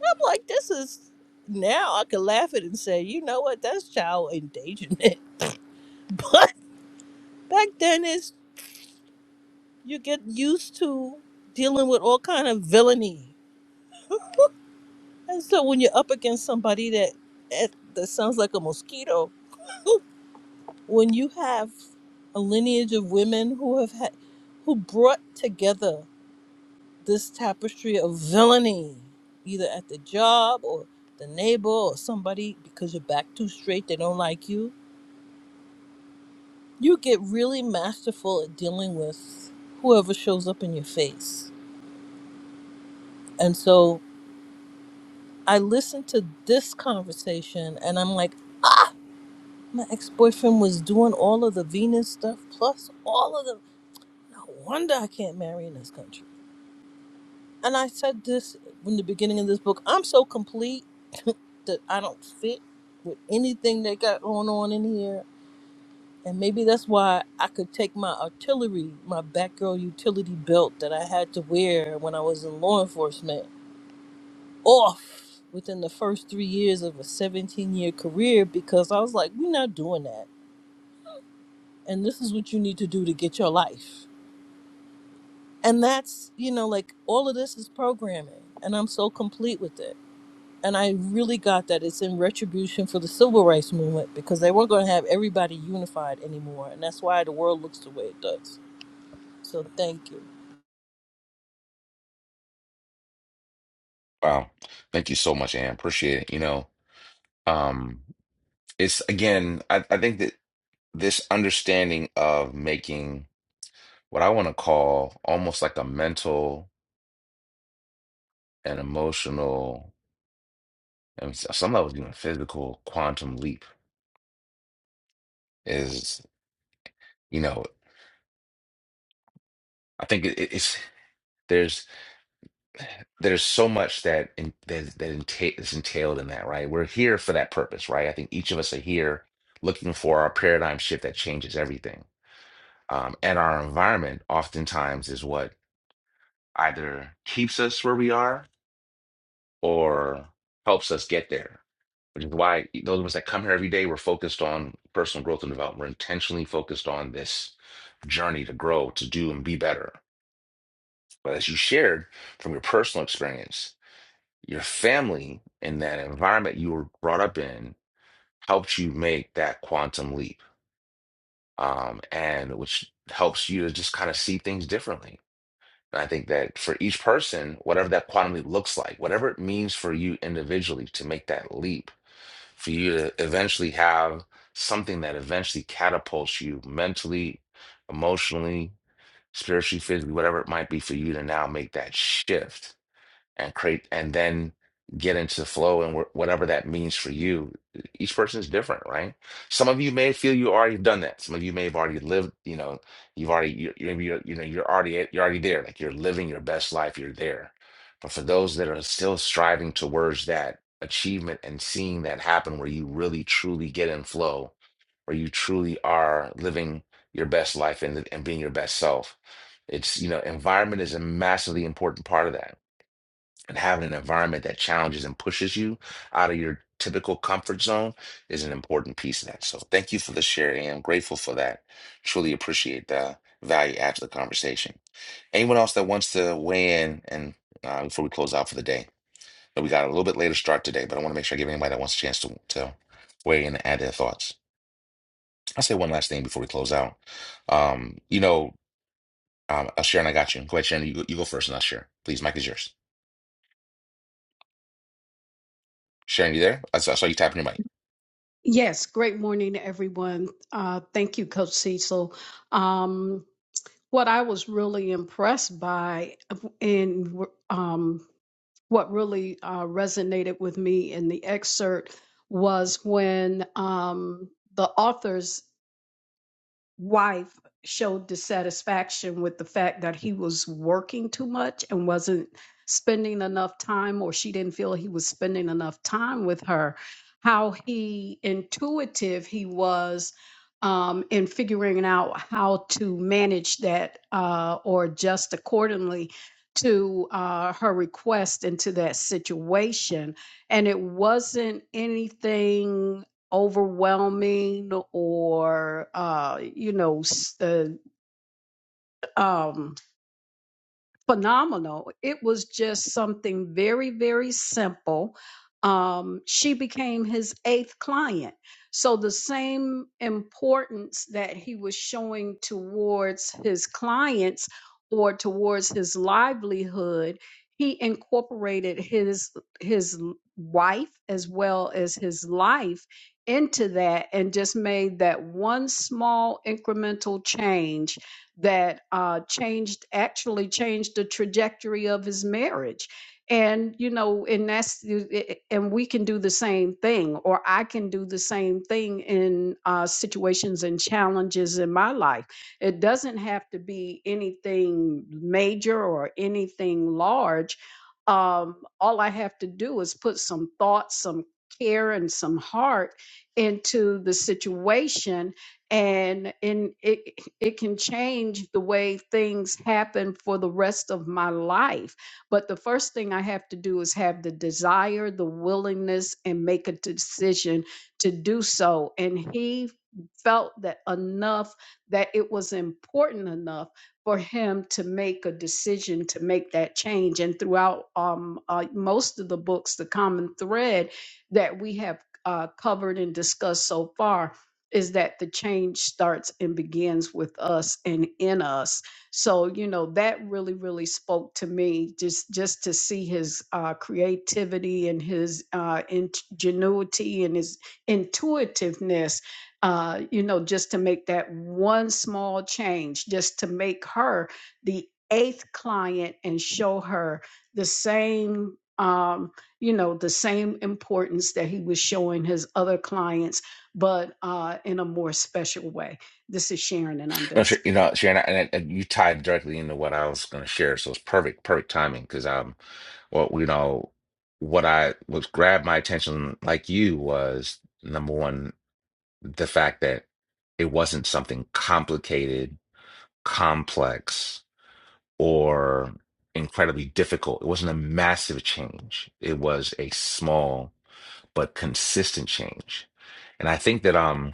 S3: I'm like, this is now I could laugh at it and say, you know what, that's child endangerment. [laughs] But back then, it's you get used to dealing with all kind of villainy, and so when you're up against somebody that that that sounds like a mosquito [laughs] when you have a lineage of women who have had, who brought together this tapestry of villainy, either at the job or the neighbor or somebody because you're back too straight, they don't like you. You get really masterful at dealing with whoever shows up in your face. And so I listened to this conversation and I'm like, my ex boyfriend was doing all of the Venus stuff plus all of the. No wonder I can't marry in this country and I said this in the beginning of this book. I'm so complete that I don't fit with anything they got going on in here, and maybe that's why I could take my artillery, my Batgirl utility belt that I had to wear when I was in law enforcement, off within the first three years of a 17 year career because I was like, we're not doing that, and this is what you need to do to get your life. And that's, you know, like all of this is programming, and I'm so complete with it and I really got that it's in retribution for the civil rights movement because they weren't going to have everybody unified anymore, and that's why the world looks the way it does. So thank you.
S1: Wow, thank you so much, AM. Appreciate it. You know, um, it's again, I, I think that this understanding of making what I want to call almost like a mental and emotional, and s- some levels even physical quantum leap is. you know. I think it, it's there's there's so much that in, that that enta- is entailed in that, right? We're here for that purpose, right? I think each of us are here looking for our paradigm shift that changes everything. Um, and our environment oftentimes is what either keeps us where we are or helps us get there. Which is why e, those of us that come here every day, we're focused on personal growth and development. We're intentionally focused on this journey to grow, to do, and be better. But as you shared from your personal experience, Your family and that environment you were brought up in helped you make that quantum leap, um, and which helps you to just kind of see things differently. And I think that for each person, whatever that quantum leap looks like, whatever it means for you individually to make that leap, for you to eventually have something that eventually catapults you mentally, emotionally, spiritually, physically, whatever it might be for you to now make that shift and create and then get into the flow and wh- whatever that means for you each person is different right some of you may feel you already done that some of you may have already lived you know you've already you maybe you're, you know you're already at- you're already there like you're living your best life you're there but for those that are still striving towards that achievement and seeing that happen where you really truly get in flow where you truly are living your best life and, and being your best self it's you know environment is a massively important part of that and having an environment that challenges and pushes you out of your typical comfort zone is an important piece of that. So thank you for the share. and I'm grateful for that. Truly appreciate the value after the conversation. Anyone else that wants to weigh in and uh, before we close out for the day, But we got a little bit later start today, but I want to make sure I give anybody that wants a chance to, to weigh in and add their thoughts. I'll say one last thing before we close out. Um, you know, um, uh, Sharon, I got you. Go ahead, Sharon. You, go- you go first and I'll share. Please, Mike is yours. Sharon, you there? I saw, I saw you tapping your mic.
S5: Yes, great morning, everyone. Uh, thank you, Coach Cecil. Um, what I was really impressed by and um, what really uh, resonated with me in the excerpt was when um, the authors wife showed dissatisfaction with the fact that he was working too much and wasn't spending enough time, or she didn't feel he was spending enough time with her, how he intuitive he was um, in figuring out how to manage that uh, or adjust accordingly to uh, her request into that situation. And it wasn't anything overwhelming or uh, you know uh, um, phenomenal. It was just something very, very simple. Um, she became his eighth client. So the same importance that he was showing towards his clients or towards his livelihood, he incorporated his his wife as well as his life into that and just made that one small incremental change that uh, changed actually changed the trajectory of his marriage and you know and that's eh, eh, and we can do the same thing or i can do the same thing in uh, situations and challenges in my life it doesn't have to be anything major or anything large um, all i have to do is put some thought some care and some heart into the situation and and it it can change the way things happen for the rest of my life but the first thing i have to do is have the desire the willingness and make a decision to do so and he felt that enough that it was important enough for him to make a decision to make that change and throughout um uh, most of the books the common thread that we have uh, covered and discussed so far is that the change starts and begins with us and in us so you know that really really spoke to me just just to see his uh, creativity and his uh, ingenuity and his intuitiveness uh, you know just to make that one small change just to make her the eighth client and show her the same um, you know the same importance that he was showing his other clients but uh, in a more special way. This is Sharon, and I'm done
S1: No, sure, you
S5: speaking.
S1: know, Sharon, and, and you tied directly into what I was going to share, so it's perfect, perfect timing because um, well, you know, what I was grabbed my attention, like you, was number one, the fact that it wasn't something complicated, complex, or incredibly difficult. It wasn't a massive change. It was a small but consistent change, and I think that um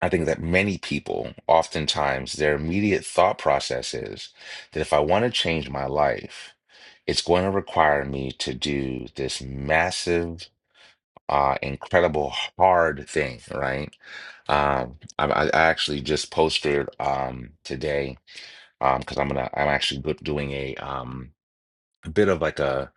S1: I think that many people, oftentimes, their immediate thought process is that if I want to change my life, it's going to require me to do this massive, uh, incredible, hard thing, right? Um, I, I I actually just posted um, today um, because I'm gonna I'm actually go- doing a um, a bit of like a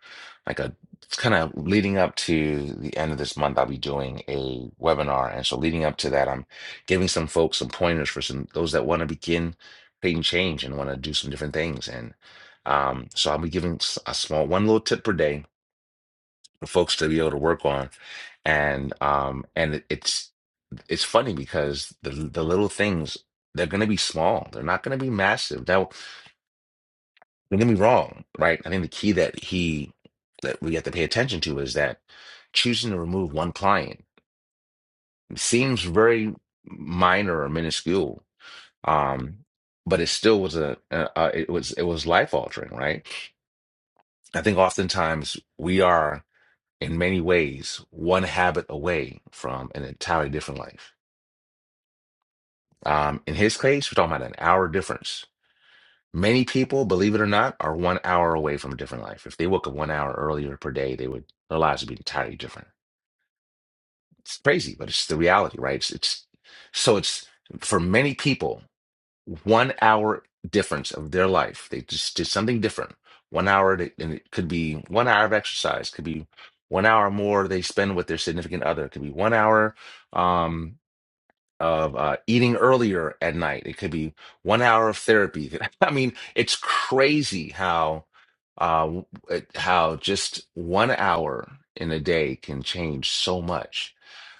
S1: like a it's kind of leading up to the end of this month i'll be doing a webinar and so leading up to that i'm giving some folks some pointers for some those that want to begin creating change and want to do some different things and um, so i'll be giving s- a small one little tip per day for folks to be able to work on and um and it- it's it's funny because the the little things they're going to be small they're not going to be massive Now. Don't get me wrong, right? I think the key that he that we have to pay attention to is that choosing to remove one client seems very minor or minuscule, um, but it still was a uh, uh, it was it was life altering, right? I think oftentimes we are in many ways one habit away from an entirely different life. Um, in his case, we're talking about an hour difference Many people, believe it or not, are one hour away from a different life. If they woke up one hour earlier per day, they would their lives would be entirely different. It's crazy, but it's the reality, right? It's, it's so it's for many people, one hour difference of their life. They just did something different. One hour, they- and it could be one hour of exercise, could be one hour more they spend with their significant other, could be one hour. Um, of uh, eating earlier at night. It could be one hour of therapy. [laughs] I mean, it's crazy how uh, it- how just one hour in a day can change so much.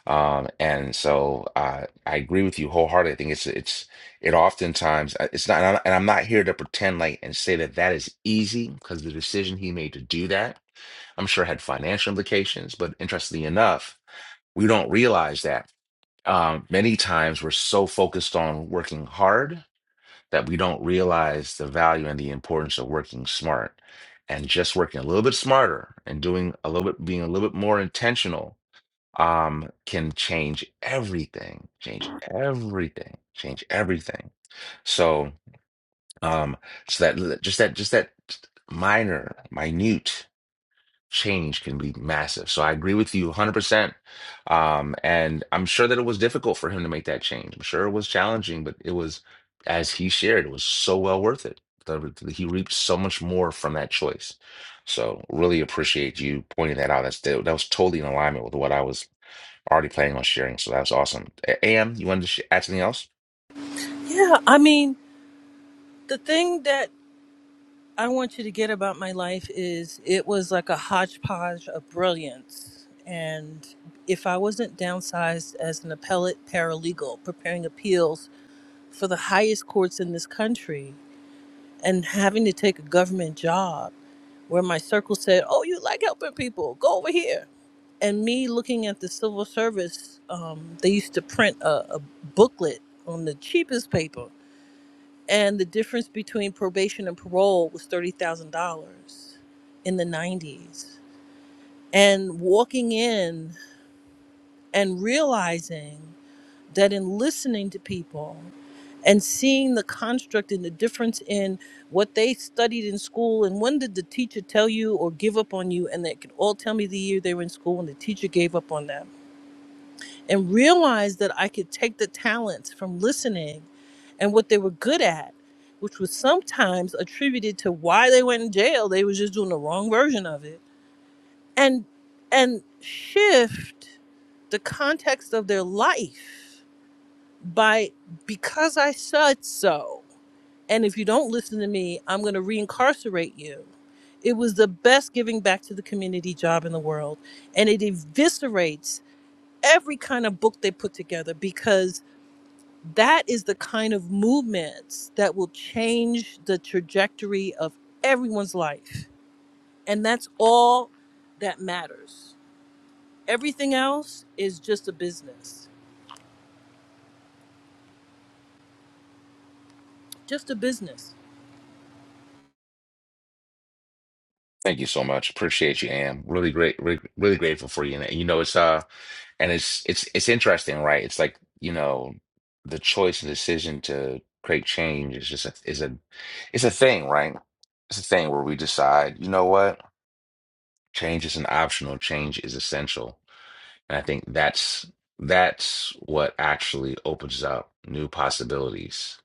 S1: Um, and so uh, I agree with you wholeheartedly. I think it's it's it oftentimes uh, it's not, and I'm and I'm not here to pretend like and say that that is easy because the decision he made to do that, I'm sure had financial implications. But interestingly enough, we don't realize that um, many times we're so focused on working hard that we don't realize the value and the importance of working smart. And just working a little bit smarter and doing a little bit, being a little bit more intentional, um, can change everything. Change everything. Change everything. So, um, so that just that just that minor, minute change can be massive. So I agree with you 100%. Um, and I'm sure that it was difficult for him to make that change. I'm sure it was challenging, but it was, as he shared, it was so well worth it. The- the- He reaped so much more from that choice. So really appreciate you pointing that out. That's that was totally in alignment with what I was already planning on sharing. So that was awesome. A- Am, you wanted to sh add something else?
S3: Yeah, I mean, the thing that I want you to get about my life is it was like a hodgepodge of brilliance. And if I wasn't downsized as an appellate paralegal preparing appeals for the highest courts in this country, and having to take a government job where my circle said, "Oh, you like helping people? Go over here." And me looking at the civil service, um, they used to print a, a booklet on the cheapest paper, and the difference between probation and parole was thirty thousand dollars in the '90s. And walking in and realizing that in listening to people and seeing the construct and the difference in what they studied in school and when did the teacher tell you or give up on you and they could all tell me the year they were in school and the teacher gave up on them and realize that i could take the talents from listening and what they were good at which was sometimes attributed to why they went in jail they was just doing the wrong version of it and and shift the context of their life by because i said so and if you don't listen to me, I'm going to reincarcerate you. It was the best giving back to the community job in the world. And it eviscerates every kind of book they put together because that is the kind of movements that will change the trajectory of everyone's life. And that's all that matters. Everything else is just a business, just a business.
S1: Thank you so much. Appreciate you, Am. Really great, really, really grateful for you. And you know, it's uh, and it's it's it's interesting, right? It's like you know, the choice and decision to create change is just a, is a it's a thing, right? It's a thing where we decide, you know what, change isn't optional, change is essential. And I think that's that's what actually opens up new possibilities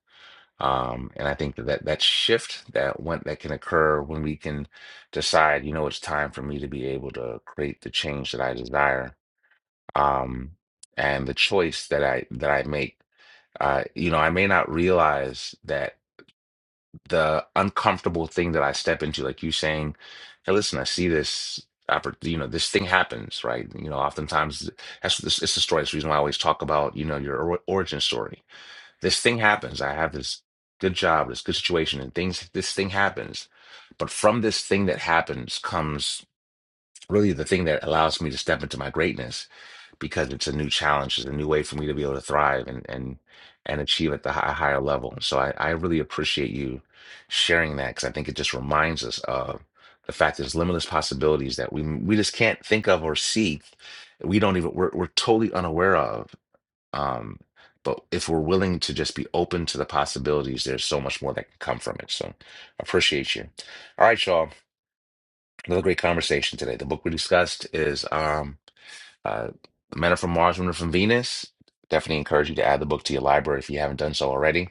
S1: um, and I think that that that shift that went that can occur when we can decide, you know, it's time for me to be able to create the change that I desire. Um, and the choice that I that I make, uh, you know, I may not realize that the uncomfortable thing that I step into, like you saying, hey, listen, I see this oppor- you know, this thing happens, right? You know, oftentimes that's this it's the story. It's the reason why I always talk about, you know, your or origin story this thing happens. I have this good job, this good situation, and things, this thing happens. But from this thing that happens comes really the thing that allows me to step into my greatness because it's a new challenge, it's a new way for me to be able to thrive and and and achieve at the hi- higher level. So I, I really appreciate you sharing that because I think it just reminds us of the fact there's limitless possibilities that we we just can't think of or see. We don't even we're, we're totally unaware of um, but if we're willing to just be open to the possibilities, there's so much more that can come from it. So appreciate you. All right, y'all. Another great conversation today. The book we discussed is um uh Men Are From Mars, Women Are From Venus. Definitely encourage you to add the book to your library if you haven't done so already.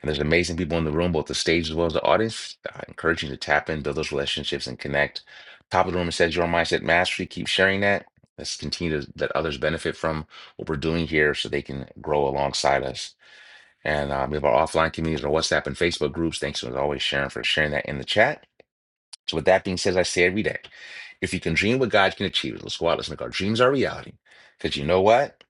S1: And there's amazing people in the room, both the stage as well as the audience. I encourage you to tap in, build those relationships, and connect. Top of the room, it says your mindset mastery. Keep sharing that. Let's continue to let others benefit from what we're doing here so they can grow alongside us. And um, we have our offline communities, our WhatsApp and Facebook groups. Thanks as always, Sharon, for sharing that in the chat. So, with that being said, as I say every day, if you can dream what God can achieve, let's go out, let's make our dreams our reality. Because you know what?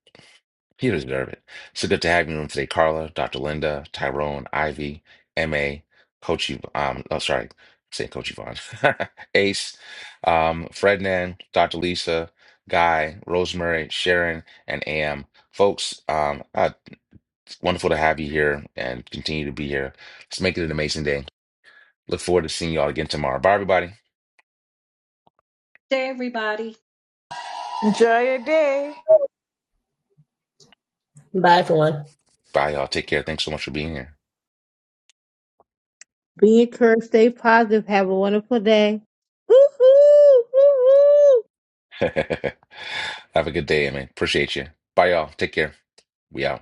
S1: You deserve it. So good to have you in the room today, Carla, Dr. Linda, Tyrone, Ivy, MA, Coach Yv- um, oh, sorry, I'm saying Coach Yvonne, [laughs] Ace, um, Frednan, Dr. Lisa, Guy, Rosemary, Sharon, and AM. Folks, um, uh, it's wonderful to have you here and continue to be here. Let's make it an amazing day. Look forward to seeing y'all again tomorrow. Bye, everybody.
S5: Hey, everybody.
S4: Enjoy your day.
S7: Bye, everyone.
S1: Bye, y'all. Take care. Thanks so much for being here.
S2: Be encouraged. Stay positive. Have a wonderful day. Hoo-hoo! Hoo-hoo!
S1: [laughs] have a good day, man. Appreciate you. Bye, y'all. Take care. We out.